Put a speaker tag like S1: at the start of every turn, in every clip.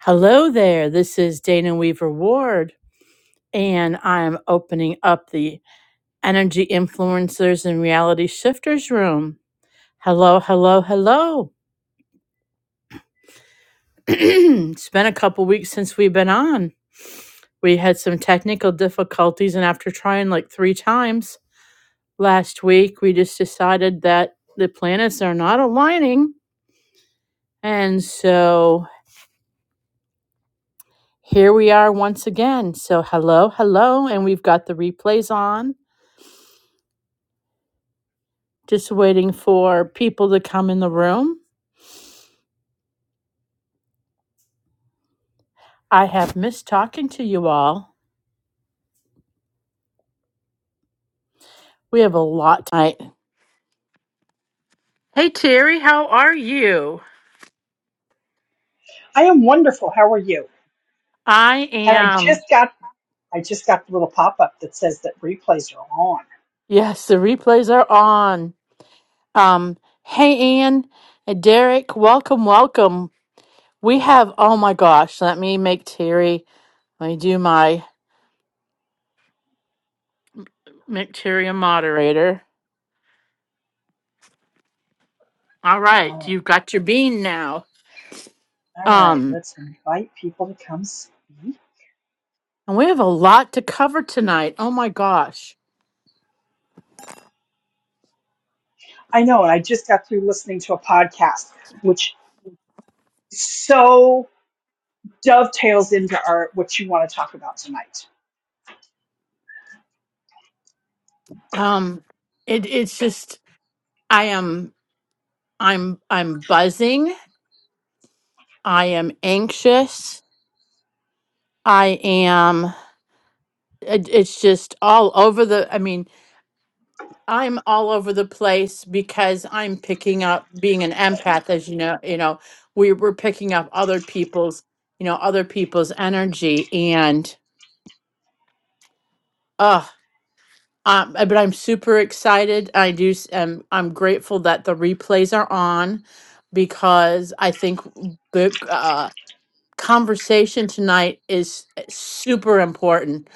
S1: Hello there. This is Dana Weaver Ward, and I'm opening up the Energy Influencers and Reality Shifters Room. Hello, hello, hello. it's been a couple weeks since we've been on. We had some technical difficulties, and after trying like three times last week, we just decided that the planets are not aligning. And so here we are once again. So, hello, hello, and we've got the replays on Just waiting for people to come in the room. I have missed talking to you all. We have a lot tonight. Hey, Terry, how are you?
S2: I am wonderful. How are you?
S1: I
S2: And I just
S1: am.
S2: got I just got the little pop up that says that replays are on.
S1: Yes, the replays are on. Um, hey, Ann, and Derek, welcome, welcome. We have, oh my gosh, let me make Terry, let me do my, make Terry a moderator. All right,
S2: Oh,
S1: you've got your bean now.
S2: all right.
S1: Um,
S2: Let's invite people to come speak.
S1: and we have a lot to cover tonight. Oh my gosh.
S2: I know, and I just got through listening to a podcast, which so dovetails into our what you want to talk about tonight.
S1: um it it's just i am i'm i'm buzzing i am anxious i am it, it's just all over the i mean i'm all over the place because i'm picking up being an empath as you know you know we we're picking up other people's you know other people's energy and uh um, but I'm super excited. I do. s- Um, I'm grateful that the replays are on because I think the uh, conversation tonight is super important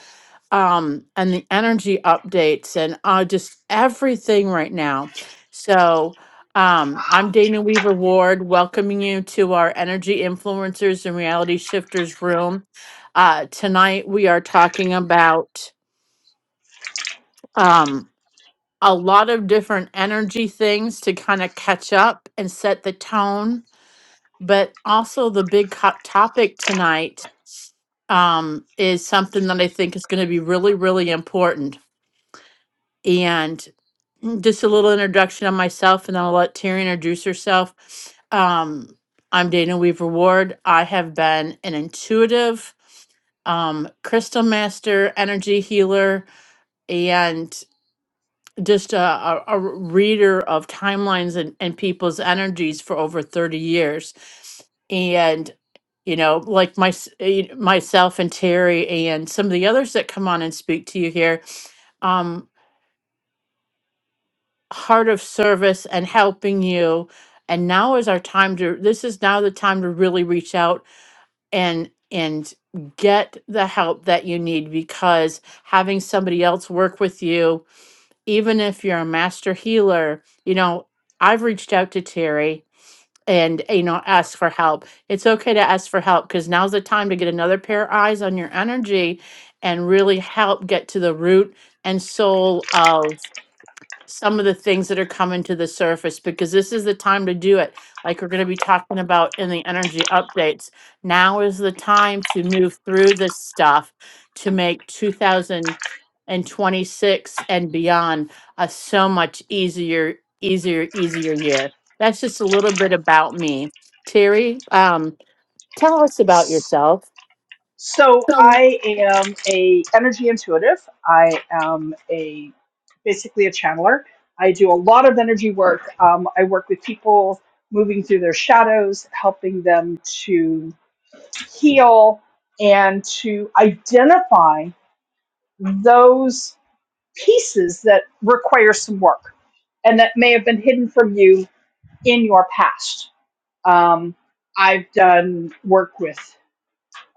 S1: um and the energy updates and uh just everything right now so um i'm dana weaver ward welcoming you to our energy influencers and reality shifters room uh tonight we are talking about um a lot of different energy things to kind of catch up and set the tone but also the big co- topic tonight um, is something that I think is going to be really, really important. And just a little introduction on myself, and then I'll let Terry introduce herself. Um, I'm Dana Weaver Ward. I have been an intuitive um, crystal master, energy healer, and just a, a, a reader of timelines and, and people's energies for over 30 years and you know like my, s- eh, myself and terry and some of the others that come on and speak to you here um heart of service and helping you and now is our time to this is now the time to really reach out and and get the help that you need because having somebody else work with you even if you're a master healer, you know, I've reached out to Terry and, you know, asked for help. It's okay to ask for help because now's the time to get another pair of eyes on your energy and really help get to the root and soul of some of the things that are coming to the surface because this is the time to do it. Like we're going to be talking about in the energy updates. Now is the time to move through this stuff to make 2026 and beyond a so much easier, easier, easier year. That's just a little bit about me. Terry, um, tell us about yourself.
S2: So I am a energy intuitive. I am a basically a channeler. I do a lot of energy work. Um, I work with people moving through their shadows, helping them to heal and to identify those pieces that require some work and that may have been hidden from you in your past. Um, I've done work with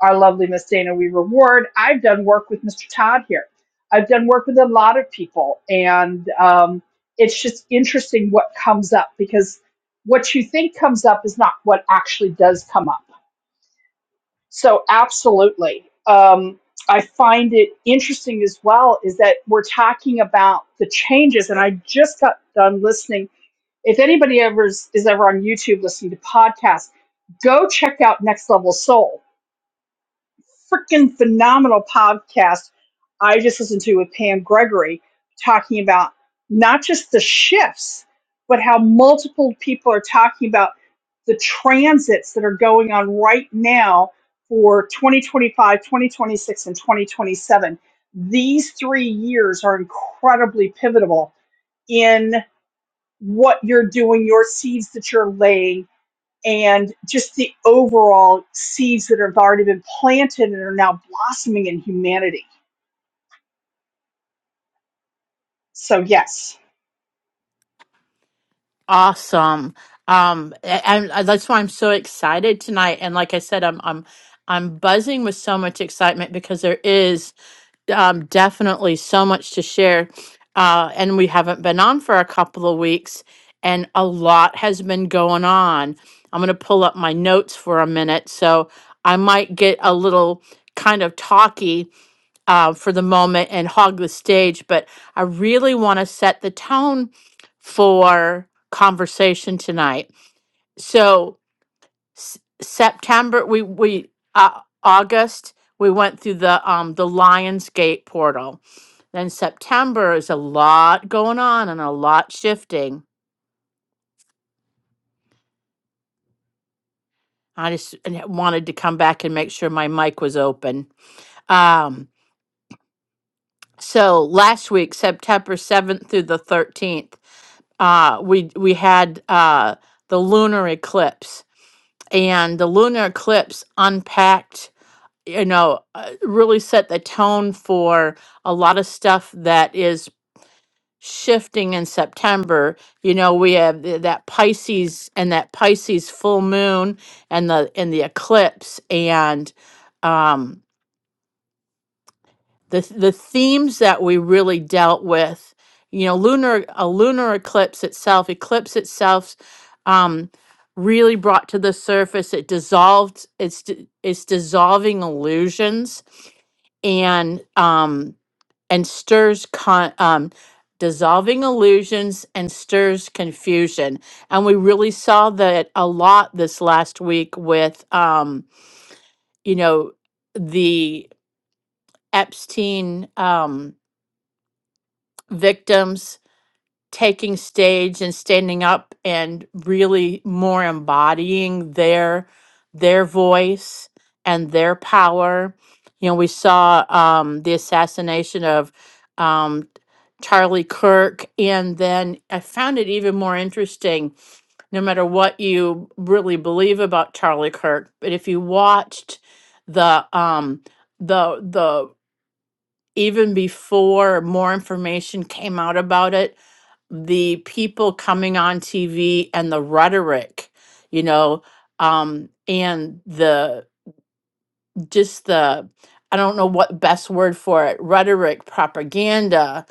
S2: our lovely Miss Dana We Reward. I've done work with Mr. Todd here. I've done work with a lot of people, and um, it's just interesting what comes up because what you think comes up is not what actually does come up. So, absolutely. Um, I find it interesting as well is that we're talking about the changes, and I just got done listening. If anybody ever is, is ever on YouTube listening to podcasts, go check out Next Level Soul freaking phenomenal podcast I just listened to with Pam Gregory talking about not just the shifts, but how multiple people are talking about the transits that are going on right now for 2025, 2026, and 2027. These three years are incredibly pivotal in what you're doing, your seeds that you're laying, and just the overall seeds that have already been planted and are now blossoming in humanity. So yes.
S1: Awesome. Um, and uh, that's why I'm so excited tonight. And like I said, I'm I'm I'm buzzing with so much excitement because there is um, definitely so much to share. Uh, and we haven't been on for a couple of weeks, and a lot has been going on. I'm going to pull up my notes for a minute, so I might get a little kind of talky uh, for the moment and hog the stage, but I really want to set the tone for conversation tonight. So S- September, we we uh, August we went through the um the Lionsgate portal. Then September is a lot going on and a lot shifting. I just and wanted to come back and make sure my mic was open. Um, so last week, September seventh through the thirteenth. uh, we we had uh, the lunar eclipse, and the lunar eclipse unpacked, you know, uh, really set the tone for a lot of stuff that is shifting in September. You know, we have th- that Pisces and that Pisces full moon and the and the eclipse and. um, the th- the themes that we really dealt with you know lunar a lunar eclipse itself eclipse itself um really brought to the surface it dissolved it's d- it's dissolving illusions and um and stirs con um dissolving illusions and stirs confusion and we really saw that a lot this last week with um you know the epstein um victims taking stage and standing up and really more embodying their their voice and their power. You know, we saw um, the assassination of um, Charlie Kirk, and then I found it even more interesting. No matter what you really believe about Charlie Kirk, but if you watched the um, the the even before more information came out about it the people coming on TV and the rhetoric, you know, um, and the just the I don't know what best word for it rhetoric, propaganda,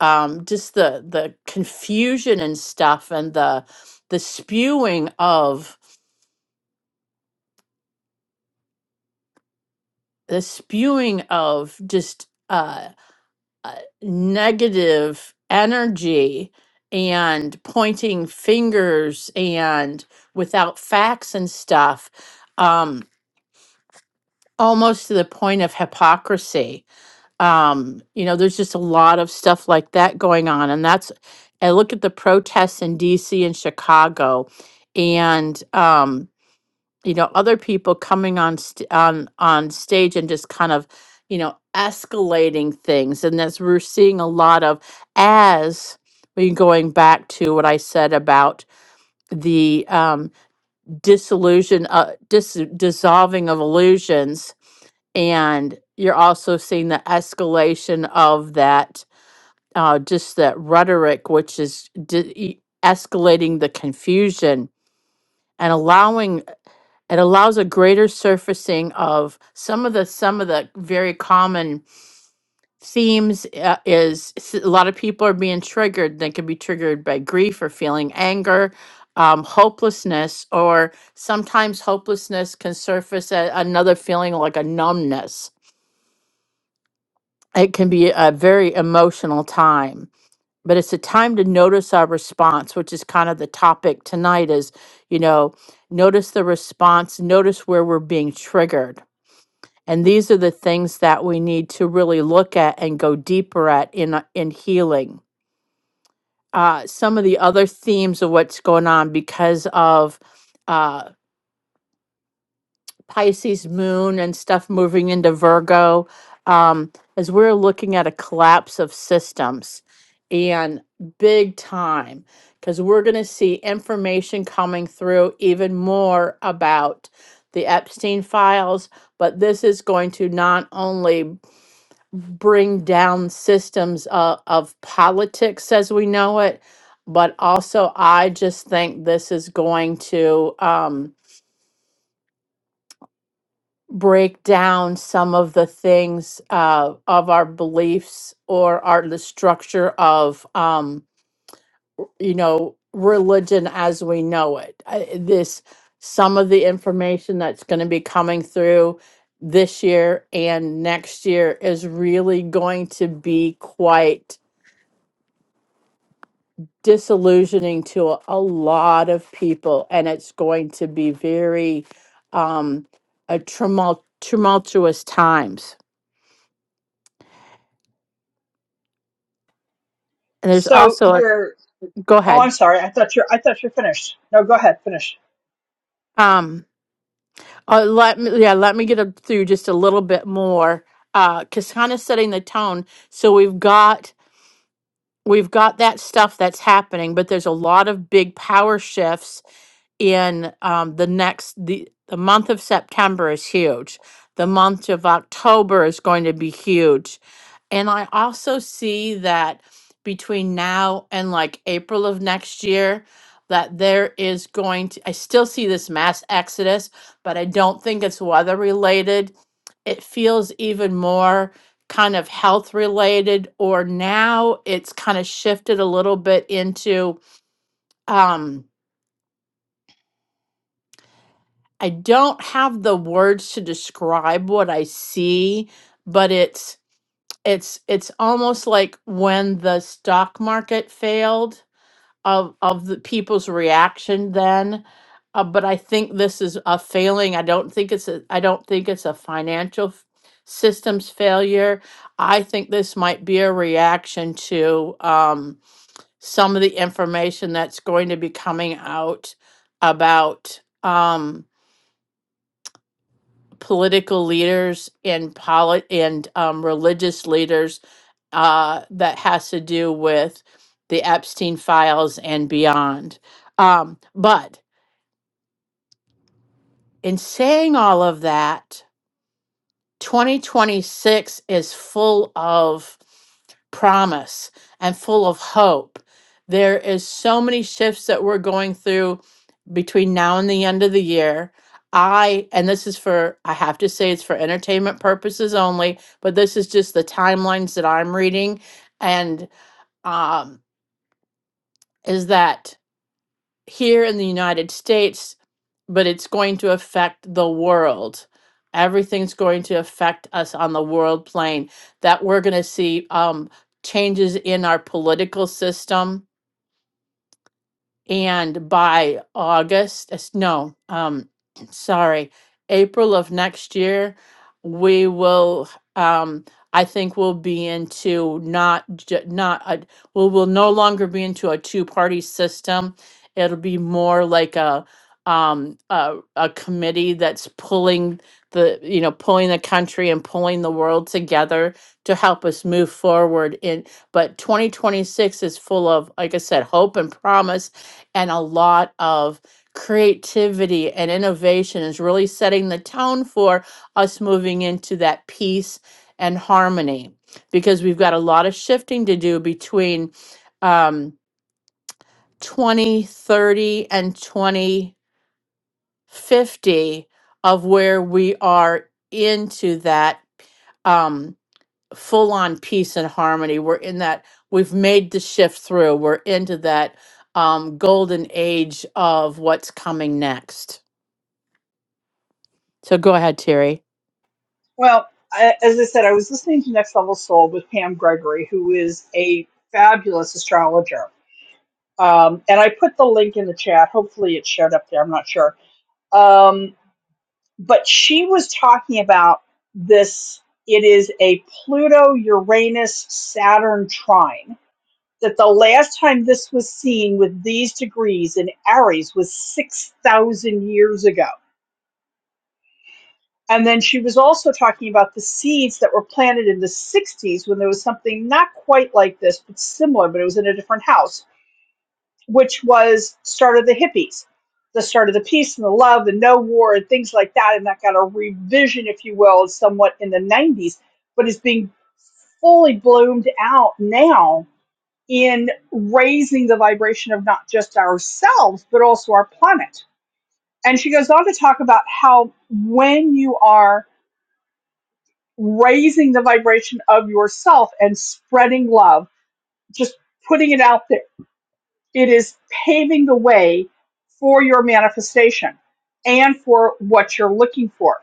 S1: um, just the the confusion and stuff, and the the spewing of the spewing of just. uh uh, negative energy and pointing fingers and without facts and stuff um almost to the point of hypocrisy um you know there's just a lot of stuff like that going on and that's i look at the protests in DC and Chicago and um you know other people coming on st- on on stage and just kind of you know escalating things and that's we're seeing a lot of as we going back to what i said about the um disillusion uh dis- dissolving of illusions and you're also seeing the escalation of that uh just that rhetoric which is di- e- escalating the confusion and allowing it allows a greater surfacing of some of the some of the very common themes uh, is s- a lot of people are being triggered they can be triggered by grief or feeling anger um, hopelessness or sometimes hopelessness can surface a, another feeling like a numbness it can be a very emotional time but it's a time to notice our response which is kind of the topic tonight is you know notice the response notice where we're being triggered And these are the things that we need to really look at and go deeper at in uh, in healing. Uh, some of the other themes of what's going on because of uh, Pisces moon and stuff moving into Virgo, um, as we're looking at a collapse of systems and big time, because we're going to see information coming through even more about the Epstein files, but this is going to not only bring down systems of, of politics as we know it. But also, I just think this is going to um, break down some of the things uh, of our beliefs or our the structure of um, w- you know religion as we know it. Uh, This some of the information that's going to be coming through this year and next year is really going to be quite disillusioning to a, a lot of people and it's going to be very um a tumult, tumultuous times and there's
S2: So
S1: also a,
S2: you're.
S1: go
S2: Oh, I'm
S1: ahead
S2: sorry. I thought you're. I thought you're finished. No, go ahead. Finish.
S1: um uh, let me yeah let me get up through just a little bit more uh because kind of setting the tone so we've got we've got that stuff that's happening, but there's a lot of big power shifts in um, the next the the month of September is huge. The month of October is going to be huge. And I also see that between now and like April of next year, that there is going to, I still see this mass exodus, but I don't think it's weather related. It feels even more kind of health related or now it's kind of shifted a little bit into um I don't have the words to describe what I see but it's it's it's almost like when the stock market failed of of the people's reaction then uh, but I think this is a failing I don't think it's a I don't think it's a financial f- systems failure I think this might be a reaction to um some of the information that's going to be coming out about um, political leaders and polit- and um, religious leaders uh, that has to do with the Epstein files and beyond. Um, but in saying all of that, 2026 is full of promise and full of hope. There is so many shifts that we're going through between now and the end of the year. I and this is for I have to say it's for entertainment purposes only, but this is just the timelines that I'm reading and um is that here in the United States, but it's going to affect the world. Everything's going to affect us on the world plane. That we're going to see um, changes in our political system and by August, it's- no, um, sorry, April of next year, we will, um, I think we'll be into not, ju- not, a, we will no longer be into a two-party system. It'll be more like a, um, a, a committee that's pulling the, you know, pulling the country and pulling the world together to help us move forward in, but 2026 is full of, like I said, hope and promise and a lot of creativity and innovation is really setting the tone for us moving into that peace and harmony because we've got a lot of shifting to do between um, 2030 and 2050 of where we are into that um, full on peace and harmony. We're in that, we've made the shift through. We're into that um, golden age of what's coming next. So go ahead, Terry.
S2: Well, I, as I said, I was listening to Next Level Soul with Pam Gregory, who is a fabulous astrologer. Um, and I put the link in the chat. Hopefully, it showed up there. I'm not sure. Um, but she was talking about this it is a Pluto Uranus Saturn trine that the last time this was seen with these degrees in Aries was 6000 years ago and then she was also talking about the seeds that were planted in the 60s when there was something not quite like this but similar but it was in a different house which was start of the hippies, the start of the peace and the love and no war and things like that. And that got a revision, if you will, somewhat in the 90s, but is being fully bloomed out now in raising the vibration of not just ourselves, but also our planet. And she goes on to talk about how when you are raising the vibration of yourself and spreading love, just putting it out there It is paving the way for your manifestation and for what you're looking for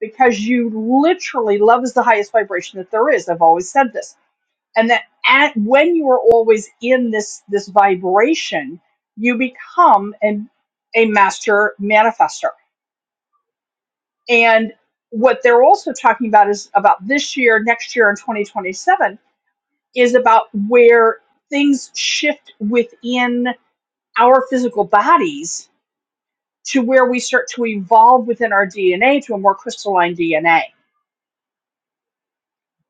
S2: because you literally love is the highest vibration that there is. I've always said this. And that at, when you are always in this this vibration, you become an, a master manifester. And what they're also talking about is about this year, next year, and 2027 is about where things shift within our physical bodies to where we start to evolve within our DNA to a more crystalline DNA.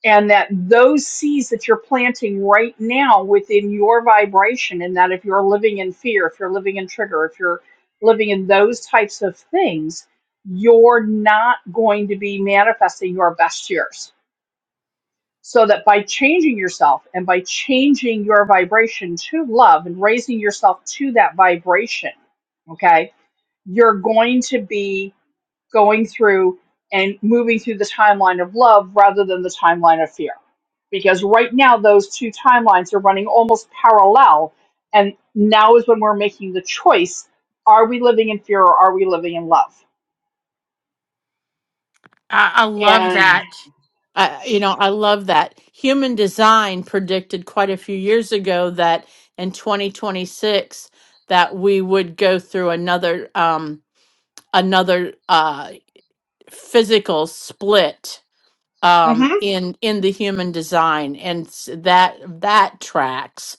S2: And that those seeds that you're planting right now within your vibration, and that if you're living in fear, if you're living in trigger, if you're living in those types of things, you're not going to be manifesting your best years. So that by changing yourself and by changing your vibration to love and raising yourself to that vibration, okay, you're going to be going through and moving through the timeline of love rather than the timeline of fear. Because right now, those two timelines are running almost parallel. And now is when we're making the choice are we living in fear or are we living in love? And
S1: I, you know, I love that. Human design predicted quite a few years ago that in 2026 that we would go through another um, another uh, physical split um,
S2: hmm
S1: in in the human design, and s- that that tracks.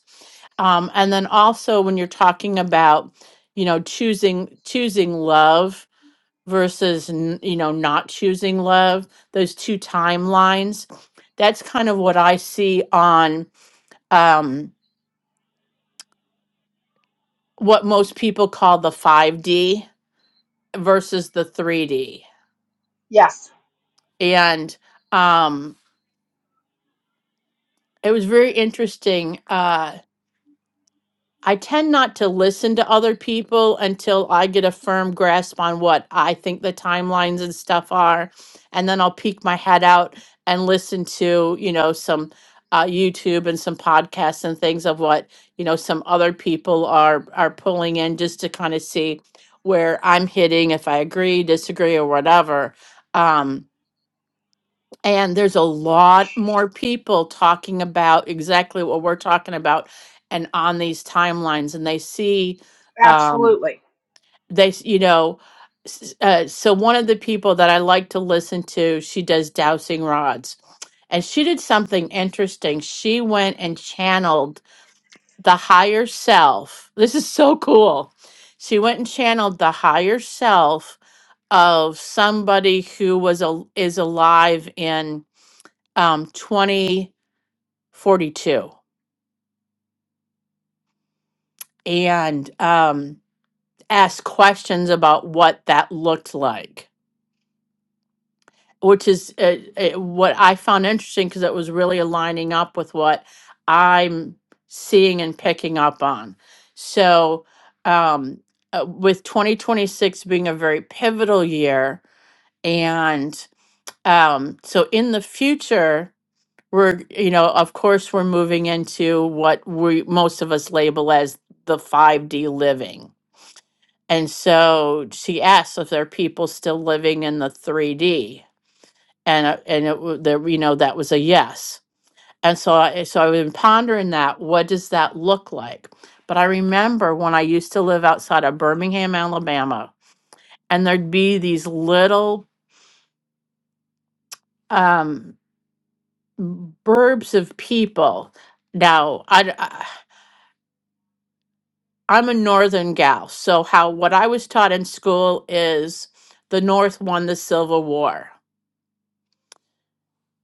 S1: Um, and then also when you're talking about, you know, choosing choosing love versus n- you know not choosing love, those two timelines, that's kind of what I see on um, what most people call the five D versus the three D,
S2: yes,
S1: and um, it was very interesting. Uh, I tend not to listen to other people until I get a firm grasp on what I think the timelines and stuff are. And then I'll peek my head out and listen to, you know, some uh, YouTube and some podcasts and things of what, you know, some other people are are pulling in just to kind of see where I'm hitting, if I agree, disagree, or whatever. Um, and there's a lot more people talking about exactly what we're talking about and on these timelines. And they see, um,
S2: absolutely.
S1: they, s- you know, s- uh, so one of the people that I like to listen to, she does dowsing rods. And she did something interesting. She went and channeled the higher self. This is so cool. She went and channeled the higher self of somebody who was a, is alive in um, 2042 and um, asked questions about what that looked like, which is uh, uh, what I found interesting because it was really aligning up with what I'm seeing and picking up on. So, um, uh, with 2026 being a very pivotal year, and um, so in the future, we're you know of course we're moving into what we most of us label as the 5d living and so she asked if there are people still living in the 3d and uh, and it, wa- there you know that was a yes and so I, so i've been pondering that what does that look like but i remember when i used to live outside of birmingham alabama and there'd be these little um burbs of people now I. I'm a northern gal, so how what I was taught in school is the North won the Civil War.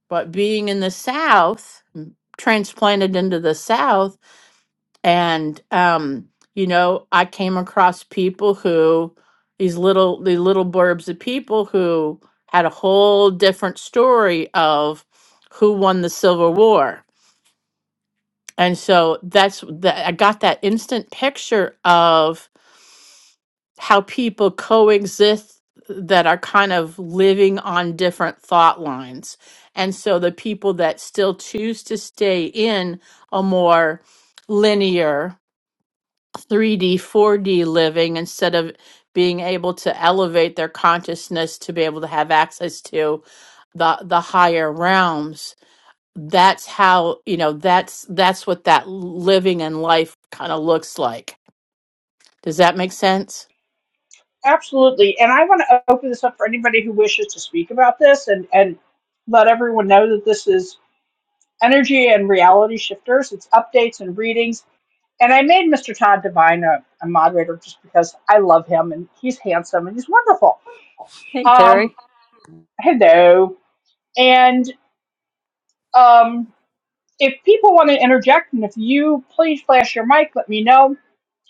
S1: But being in the South, transplanted into the South, and um, you know, I came across people who these little the little blurbs of people who had a whole different story of who won the Civil War. And so that's that I got that instant picture of how people coexist that are kind of living on different thought lines. And so the people that still choose to stay in a more linear 3D, 4D living instead of being able to elevate their consciousness to be able to have access to the the higher realms that's how you know that's that's what that living and life kind of looks like does that make sense
S2: Absolutely. And I want to open this up for anybody who wishes to speak about this and, and let everyone know that this is energy and reality shifters, it's updates and readings And I made Mr. Todd Devine a, a moderator just because I love him and he's handsome and he's wonderful.
S3: Hey,
S2: Um,
S3: Terry.
S2: hello. And um, if people want to interject and if you please flash your mic, let me know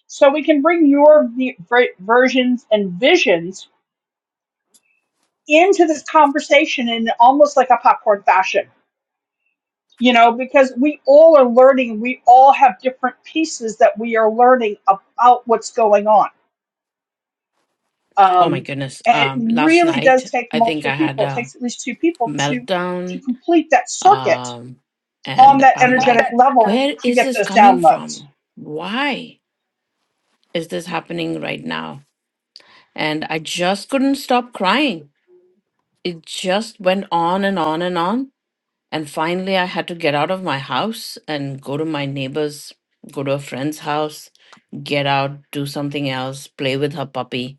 S2: so we can bring your v- ver- versions and visions into this conversation in almost like a popcorn fashion. You know, because we all are learning, we all have different pieces that we are learning about what's going on
S4: Oh my
S2: um,
S4: goodness.
S2: and it
S4: Um, last
S2: really does
S4: night,
S2: take
S4: I think
S2: multiple
S4: I had
S2: people. It
S4: a
S2: takes at least two people to to
S4: meltdown.
S2: complete that circuit
S4: Um,
S2: on
S4: and
S2: that
S4: I'm
S2: energetic
S4: like,
S2: level
S4: where
S2: to
S4: is
S2: get
S4: this
S2: those
S4: coming
S2: downloads.
S4: from? Why is this happening right now? And I just couldn't stop crying. It just went on and on and on. And finally, I had to get out of my house and go to my neighbor's, go to a friend's house, get out, do something else, play with her puppy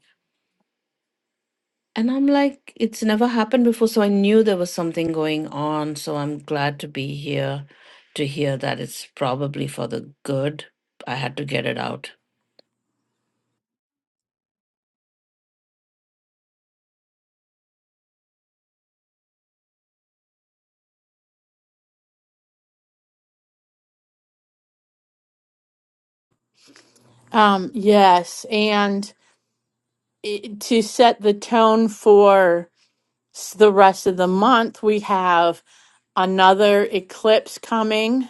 S4: And I'm like, it's never happened before. So I knew there was something going on. So I'm glad to be here to hear that it's probably for the good. I had to get it out.
S1: Um, yes, and it, to set the tone for s- the rest of the month, we have another eclipse coming.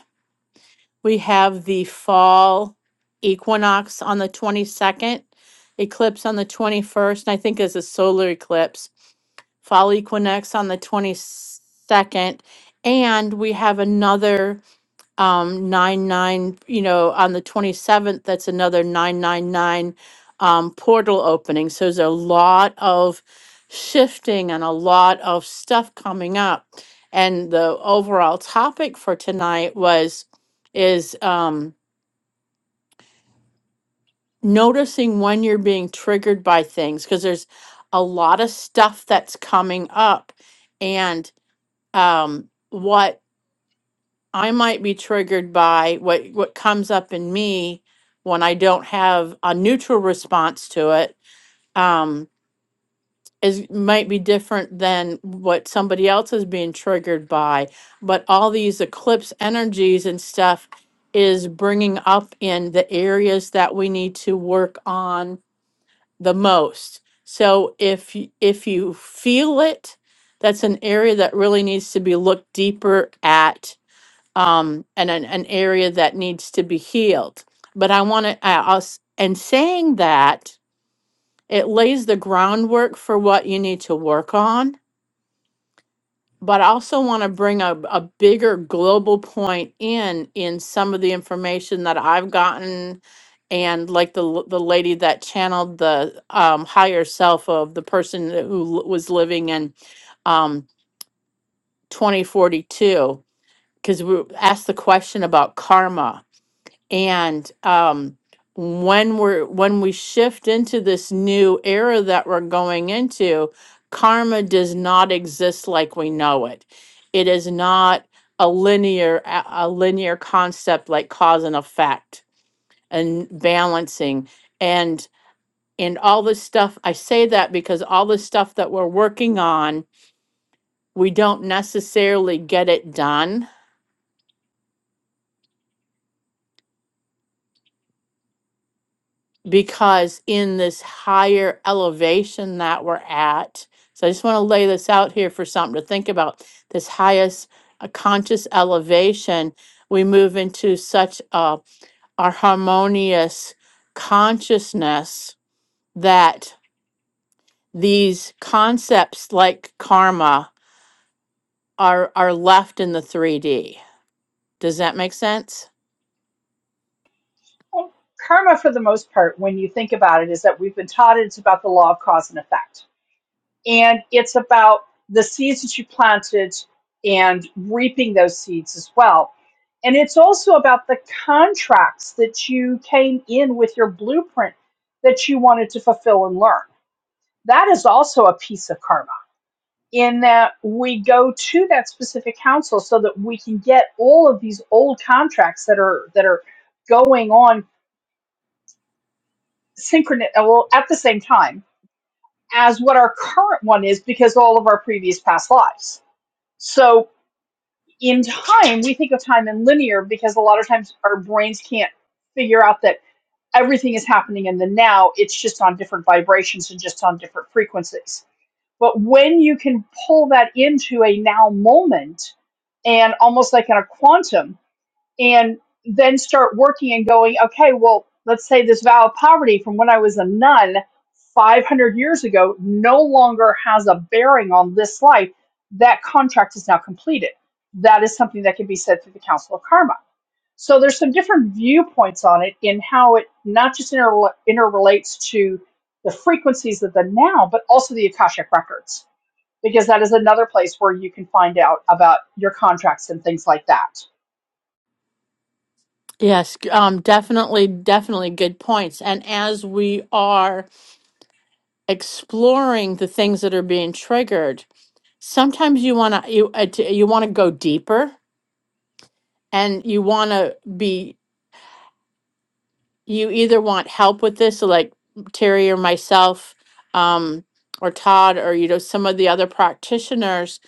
S1: We have the fall equinox on the 22nd, eclipse on the 21st, and I think it's a solar eclipse, fall equinox on the 22nd, and we have another. um, nine nine, you know, on the twenty-seventh, that's another nine nine nine, um, portal opening. So there's a lot of shifting and a lot of stuff coming up. And the overall topic for tonight was, is, um, noticing when you're being triggered by things, because there's a lot of stuff that's coming up. And, um, what I might be triggered by what what comes up in me when I don't have a neutral response to it um is might be different than what somebody else is being triggered by but all these eclipse energies and stuff is bringing up in the areas that we need to work on the most so if y- if you feel it that's an area that really needs to be looked deeper at um, and an, an area that needs to be healed. But I want to, I, us, and saying that, it lays the groundwork for what you need to work on. But I also want to bring a, a bigger global point in in some of the information that I've gotten, and like the l- the lady that channeled the um, higher self of the person that- who l- was living in um, 2042, because we asked the question about karma And um, when we're when we shift into this new era that we're going into, karma does not exist like we know it. It is not a linear a a linear concept like cause and effect and balancing and and all this stuff. I say that because all the stuff that we're working on, we don't necessarily get it done because in this higher elevation that we're at, so I just want to lay this out here for something to think about. This highest uh, conscious elevation, we move into such a, a harmonious consciousness that these concepts like karma are are left in the 3D. Does that make sense?
S2: Well, karma, for the most part, when you think about it, is that we've been taught it's about the law of cause and effect, and it's about the seeds that you planted and reaping those seeds as well. And it's also about the contracts that you came in with your blueprint that you wanted to fulfill and learn that is also a piece of karma in that we go to that specific council so that we can get all of these old contracts that are that are going on synchronous well, at the same time as what our current one is because all of our previous past lives so in time we think of time in linear because a lot of times our brains can't figure out that everything is happening in the now it's just on different vibrations and just on different frequencies But when you can pull that into a now moment and almost like in a quantum, and then start working and going, okay, well, let's say this vow of poverty from when I was a nun 500 years ago no longer has a bearing on this life. That contract is now completed. That is something that can be said through the Council of Karma. So there's some different viewpoints on it in how it not just inter- interrelates to the frequencies of the now, but also the Akashic records because that is another place where you can find out about your contracts and things like that.
S1: Yes, g- um, definitely, definitely good points. And as we are exploring the things that are being triggered sometimes you want to you uh, t- you want to go deeper and you want to be you either want help with this so like terry or myself um, or todd or you know some of the other practitioners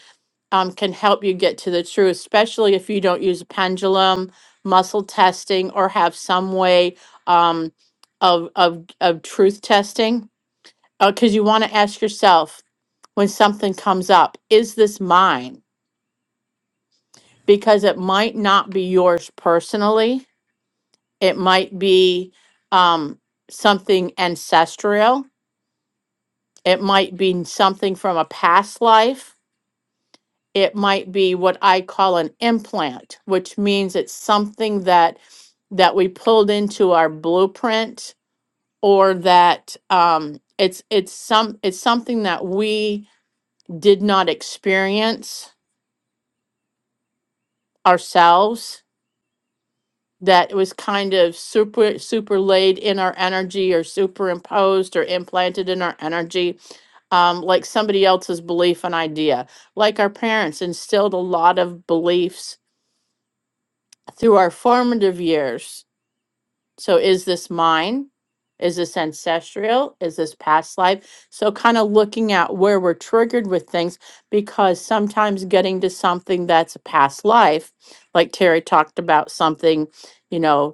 S1: um, can help you get to the truth especially if you don't use a pendulum muscle testing or have some way um, of, of of truth testing because you want to ask yourself when something comes up, is this mine? Because it might not be yours personally. It might be um, something ancestral. It might be something from a past life. It might be what I call an implant, which means it's something that that we pulled into our blueprint or that um, it's it's some it's something that we did not experience ourselves that was kind of super super laid in our energy or superimposed or implanted in our energy um, like somebody else's belief and idea like our parents instilled a lot of beliefs through our formative years so is this mine is this ancestral is this past life so kind of looking at where we're triggered with things because sometimes getting to something that's a past life like terry talked about something you know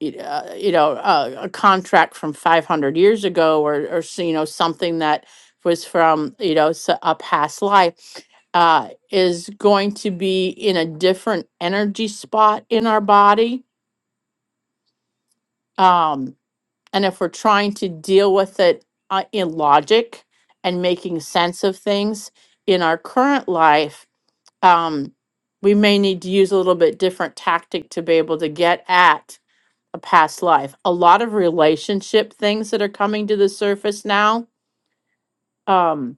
S1: y- uh, you know, a, a contract from 500 years ago or, or, s- you know, something that was from, you know, s- a past life, uh, is going to be in a different energy spot in our body. Um, and if we're trying to deal with it uh, in logic and making sense of things in our current life, um, we may need to use a little bit different tactic to be able to get at a past life. A lot of relationship things that are coming to the surface now. Um,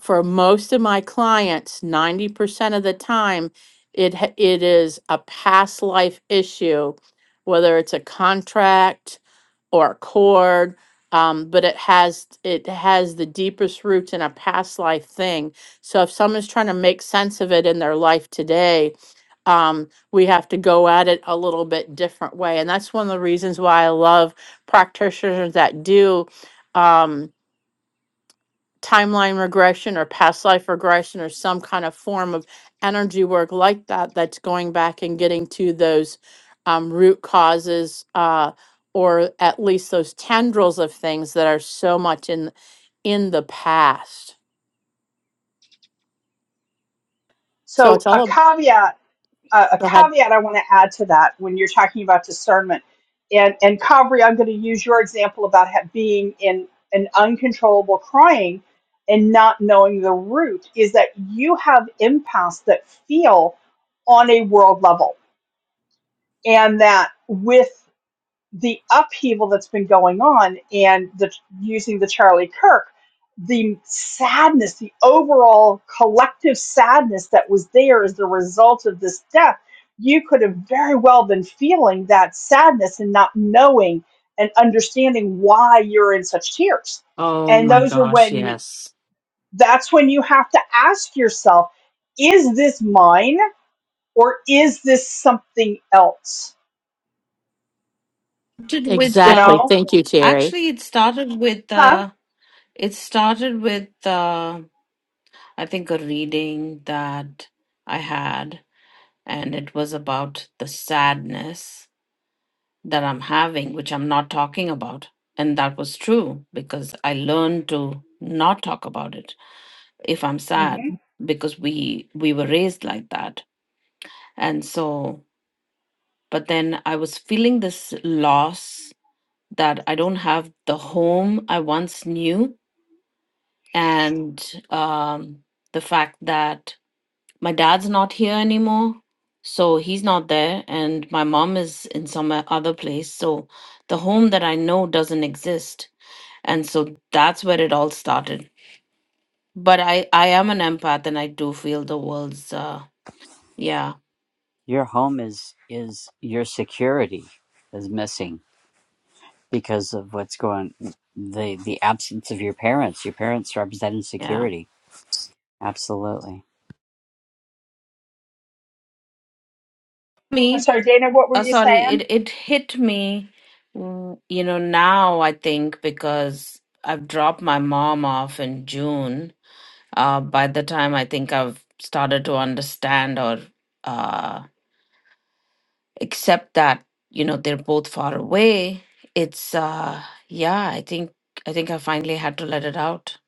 S1: for most of my clients, 90% of the time, it ha- it is a past life issue, whether it's a contract or a cord, um, but it has it has the deepest roots in a past life thing. So if someone's trying to make sense of it in their life today, um, we have to go at it a little bit different way. And that's one of the reasons why I love practitioners that do um, timeline regression or past life regression or some kind of form of energy work like that, that's going back and getting to those um, root causes. Uh, or at least those tendrils of things that are so much in in the past. So
S2: So
S1: it's
S2: a
S1: all ab-
S2: caveat, uh, a
S1: go ahead.
S2: caveat I want to add to that when you're talking about discernment, and and Kavri, I'm going to use your example about ha- being in an uncontrollable crying and not knowing the root is that you have empaths that feel on a world level and that with the upheaval that's been going on and the using the Charlie Kirk, the sadness, the overall collective sadness that was there as the result of this death, you could have very well been feeling that sadness and not knowing and understanding why you're in such tears.
S4: Oh
S2: And
S4: my
S2: those are
S4: gosh,
S2: when
S4: yes.
S2: that's when you have to ask yourself, is this mine or is this something else?
S4: Started with
S2: You
S4: uh,
S1: Exactly.
S2: know?
S1: Thank you, Terry.
S4: actually it started with
S2: Huh?
S4: uh it started with uh I think a reading that I had and it was about the sadness that I'm having, which I'm not talking about. And that was true because I learned to not talk about it if I'm
S2: Hmm.
S4: sad because we we were raised like that. And so but then I was feeling this loss that I don't have the home I once knew and um the fact that my dad's not here anymore. So he's not there and my mom is in some other place. So the home that I know doesn't exist and so that's where it all started but i i am an empath and i do feel the world's uh yeah
S3: Your home is is your security is missing because of what's going the the absence of your parents. Your parents represent
S4: yeah
S3: insecurity. Absolutely.
S2: I'm
S4: me
S2: sorry, Dana, what were
S4: uh,
S2: you
S4: sorry
S2: saying?
S4: it it hit me mm, you know now i think because i've dropped my mom off in june uh by the time i think i've started to understand or uh accept that you know they're both far away it's uh yeah i think i think i finally had to let it out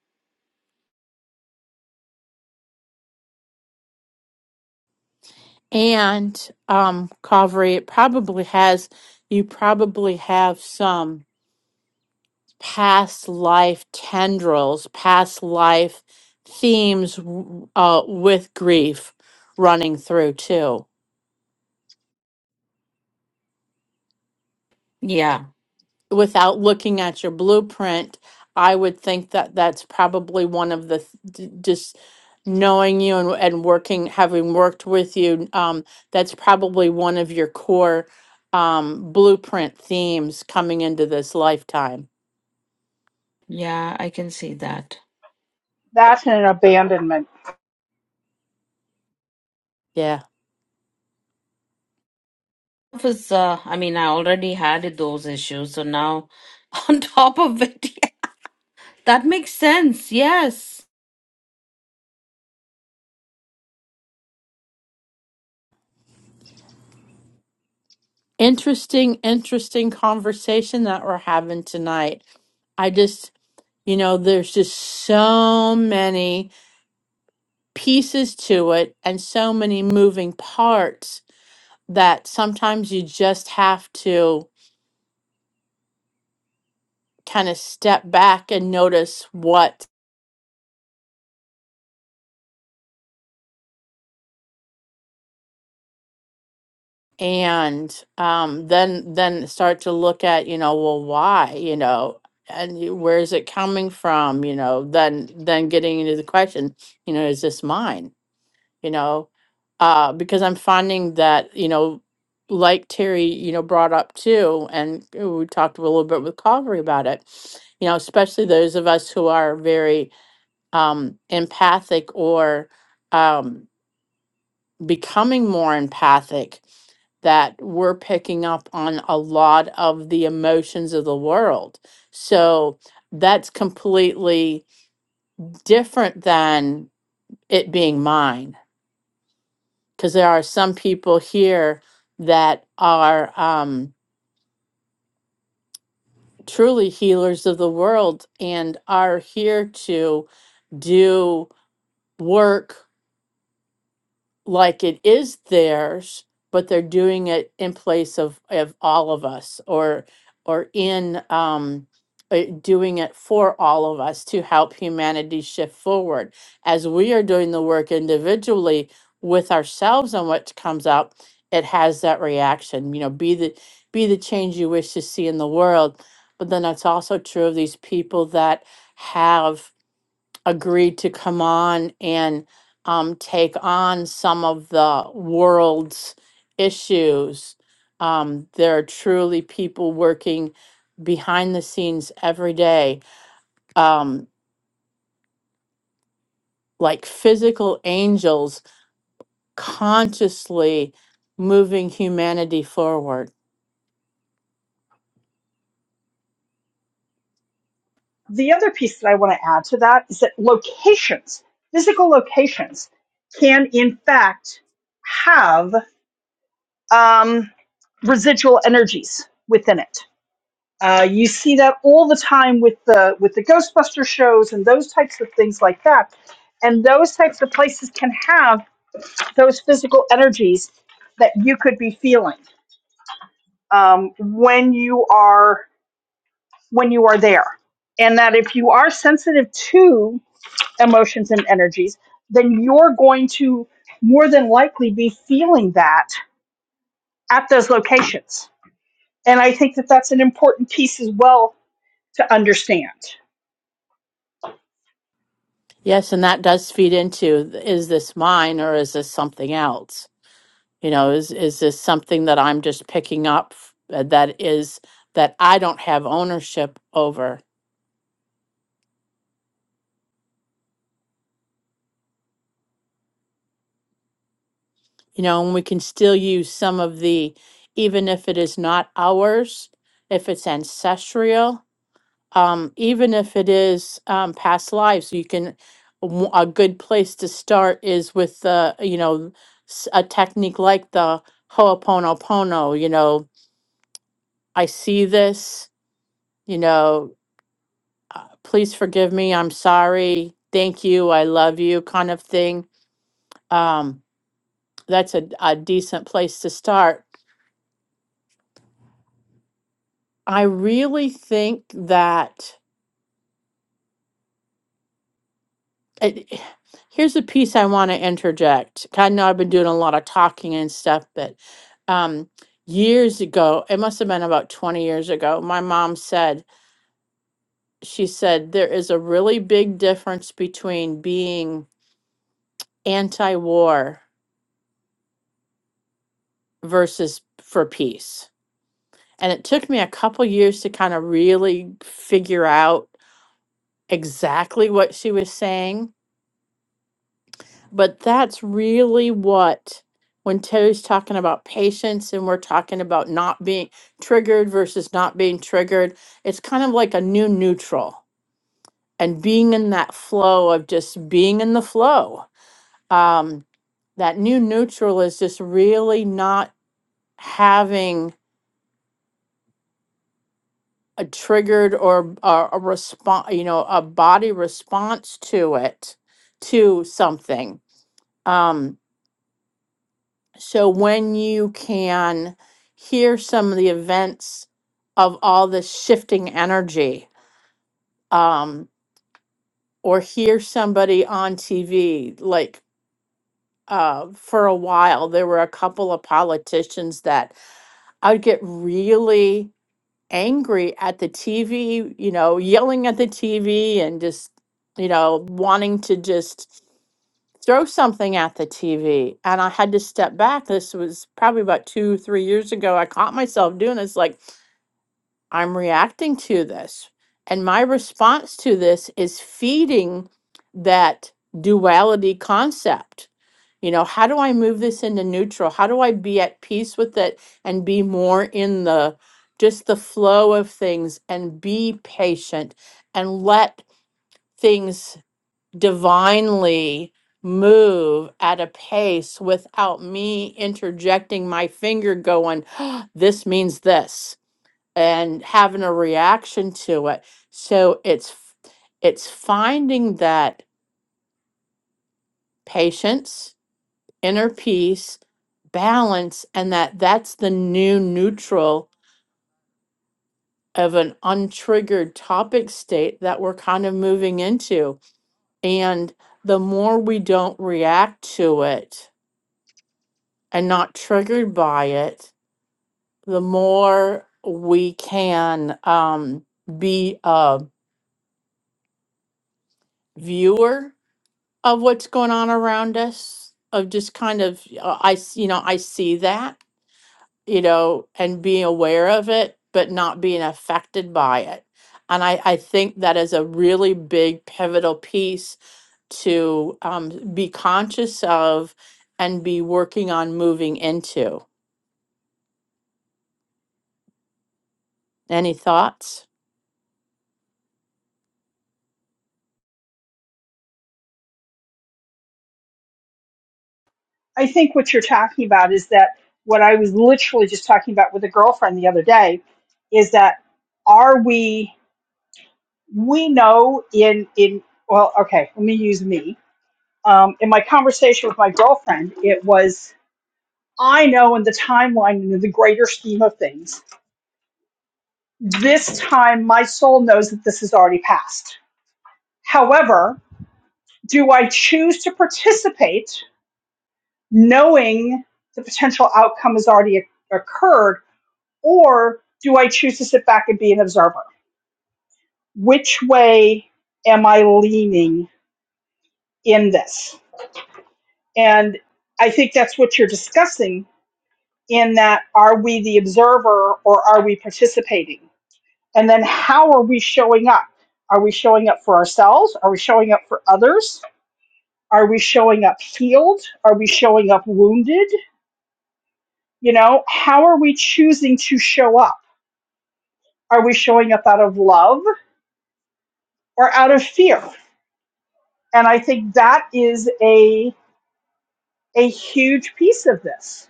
S1: And um, Calvary, it probably has, you probably have some past life tendrils, past life themes w- uh, with grief running through too.
S4: yeah
S1: without looking at your blueprint, I would think that that's probably one of the th- d- just knowing you and, and working, having worked with you, um, that's probably one of your core um, blueprint themes coming into this lifetime.
S4: Yeah, I can see that.
S2: That and abandonment.
S1: Yeah.
S4: Is, uh, I mean, I already had those issues, so now on top of it, that makes sense. Yes.
S1: Interesting, interesting conversation that we're having tonight. I just, you know, there's just so many pieces to it and so many moving parts that sometimes you just have to kind of step back and notice what and um, then then start to look at you know well why you know and y- where is it coming from you know then then getting into the question you know is this mine you know uh, because i'm finding that you know like terry you know brought up too and uh, we talked a little bit with calvary about it you know especially those of us who are very um, empathic or um, becoming more empathic that we're picking up on a lot of the emotions of the world. So that's completely different than it being mine. Because there are some people here that are um, truly healers of the world and are here to do work like it is theirs, but they're doing it in place of, of all of us or or in um, uh, doing it for all of us to help humanity shift forward as we are doing the work individually with ourselves on what comes up it has that reaction you know be the be the change you wish to see in the world but then that's also true of these people that have agreed to come on and um, take on some of the world's issues. Um, there are truly people working behind the scenes every day, um, like physical angels consciously moving humanity forward.
S2: The other piece that I want to add to that is that locations, physical locations, can in fact have um, residual energies within it. Uh, you see that all the time with the with the Ghostbuster shows and those types of things like that. And those types of places can have those physical energies that you could be feeling um, when you are when you are there. And that if you are sensitive to emotions and energies, then you're going to more than likely be feeling that at those locations. And I think that that's an important piece as well to understand.
S1: Yes, and that does feed into th- is this mine or is this something else? You know, is is this something that I'm just picking up f- uh, that is that I don't have ownership over? You know, and we can still use some of the, even if it is not ours, if it's ancestral, um, even if it is um, past lives, you can. w- A good place to start is with the, you know, s- a technique like the Ho'oponopono. You know, I see this. You know, uh, please forgive me i'm sorry thank you i love you kind of thing um, that's a, a decent place to start i really think that it, here's a piece i want to interject i know i've been doing a lot of talking and stuff but um, years ago it must have been about 20 years ago my mom said she said there is a really big difference between being anti-war versus for peace And it took me a couple years to kind of really figure out exactly what she was saying. But that's really what, when Terry's talking about patience and we're talking about not being triggered versus not being triggered, it's kind of like a new neutral and being in that flow of just being in the flow. Um, that new neutral is just really not having a triggered or a, a response, you know, a body response to it, to something. Um, so when you can hear some of the events of all this shifting energy, um, or hear somebody on TV, like uh, for a while, there were a couple of politicians that I'd get really angry at the TV, you know, yelling at the TV and just, you know, wanting to just throw something at the TV. And I had to step back. This was probably about two, three years ago. I caught myself doing this, like, I'm reacting to this. And my response to this is feeding that duality concept you know, how do I move this into neutral? How do I be at peace with it and be more in the just the flow of things and be patient and let things divinely move at a pace without me interjecting my finger going, "Ah, this means this and having a reaction to it. So it's f- it's finding that patience inner peace, balance, and that that's the new neutral of an untriggered topic state that we're kind of moving into. And the more we don't react to it and not triggered by it, the more we can um, be a viewer of what's going on around us of just kind of uh, i s- you know i see that you know, and being aware of it, but not being affected by it. And I, I think that is a really big pivotal piece to um, be conscious of and be working on moving into. Any thoughts?
S2: I think what you're talking about is that what I was literally just talking about with a girlfriend the other day is that are we we know in in well okay let me use me um, in my conversation with my girlfriend it was I know in the timeline in the greater scheme of things this time my soul knows that this has already passed however do I choose to participate knowing the potential outcome has already occurred Or do I choose to sit back and be an observer? Which way am I leaning in this? And I think that's what you're discussing in that are we the observer or are we participating? And then how are we showing up? Are we showing up for ourselves? Are we showing up for others? Are we showing up healed? Are we showing up wounded? You know, how are we choosing to show up? Are we showing up out of love or out of fear? And I think that is a, a huge piece of this.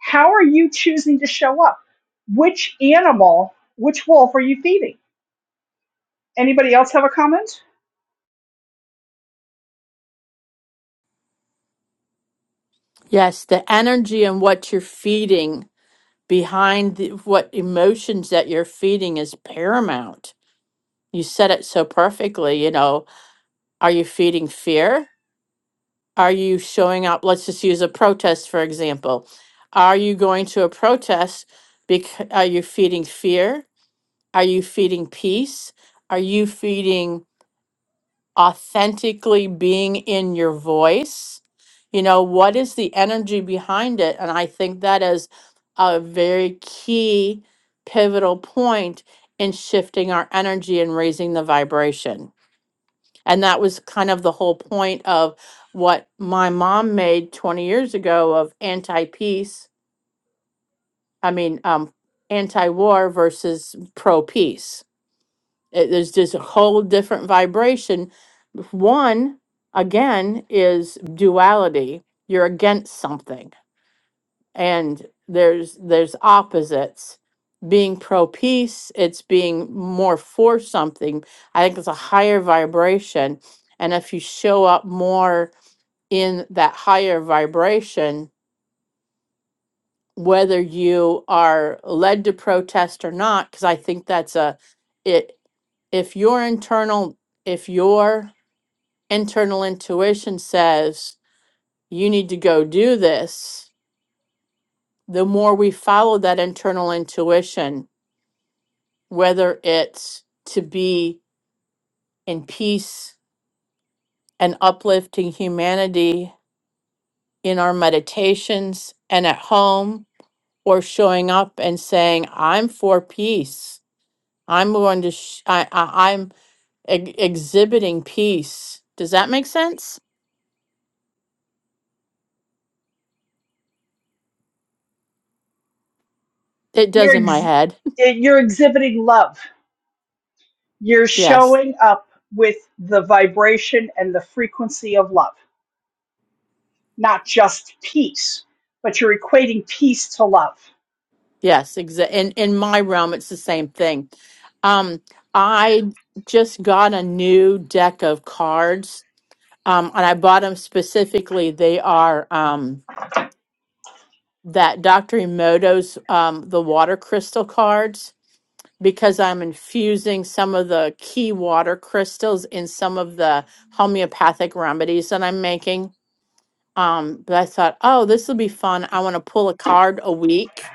S2: How are you choosing to show up? Which animal, which wolf are you feeding? Anybody else have a comment?
S1: Yes, the energy and what you're feeding behind the, what emotions that you're feeding is paramount. You said it so perfectly, you know, are you feeding fear? Are you showing up? Let's just use a protest, for example. Are you going to a protest? Because are you feeding fear? Are you feeding peace? Are you feeding authentically being in your voice? You know, what is the energy behind it? And I think that is a very key pivotal point in shifting our energy and raising the vibration. And that was kind of the whole point of what my mom made 20 years ago of anti peace, I mean, um, anti war versus pro peace. There's just a whole different vibration. One, again, is duality. You're against something, and there's there's opposites. Being pro peace, it's being more for something. I think it's a higher vibration. And if you show up more in that higher vibration, whether you are led to protest or not, because I think that's a it if your internal if your internal intuition says you need to go do this, the more we follow that internal intuition, whether it's to be in peace and uplifting humanity in our meditations and at home or showing up and saying, I'm for peace. I'm going to, sh- I, I, I'm ex- exhibiting peace. Does that make sense? It does
S2: You're,
S1: in my
S2: ex-
S1: head.
S2: you're exhibiting love. You're
S1: yes.
S2: showing up with the vibration and the frequency of love, not just peace, but you're equating peace to love.
S1: Yes. Exa- in, in my realm, it's the same thing. Um, I just got a new deck of cards. Um, and I bought them specifically. They are, um, that Dr. Emoto's, um, the water crystal cards because I'm infusing some of the key water crystals in some of the homeopathic remedies that I'm making. Um, but I thought, oh, this will be fun. I want to pull a card a week,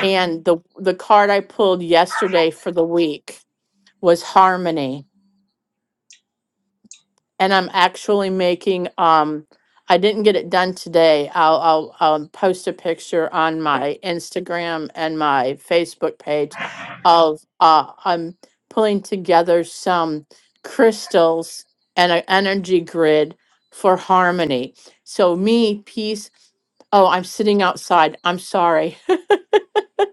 S1: and the the card I pulled yesterday for the week was harmony. and I'm actually making, um, I didn't get it done today. I'll, I'll, I'll post a picture on my Instagram and my Facebook page of, uh, I'm pulling together some crystals and an energy grid for harmony. So me, peace, oh, I'm sitting outside. I'm sorry.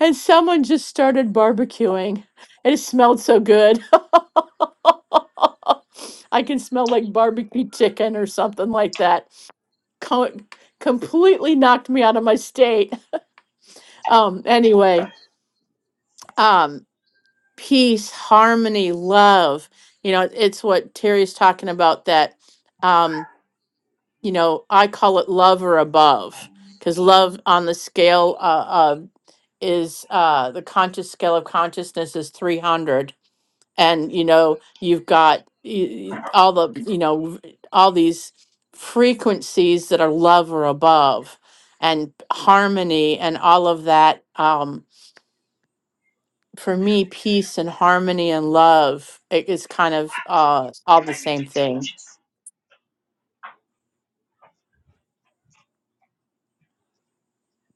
S1: and someone just started barbecuing. It smelled so good. I can smell like barbecue chicken or something like that. Co- completely knocked me out of my state. Um, anyway, um, peace, harmony, love. You know, it's what Terry's talking about that, um, you know, I call it love or above because love on the scale uh, of is uh, the conscious scale of consciousness is 300 and you know you've got y- all the you know all these frequencies that are love or above and harmony and all of that um for me peace and harmony and love it is kind of uh all the
S2: Am I making
S1: same thing
S2: changes?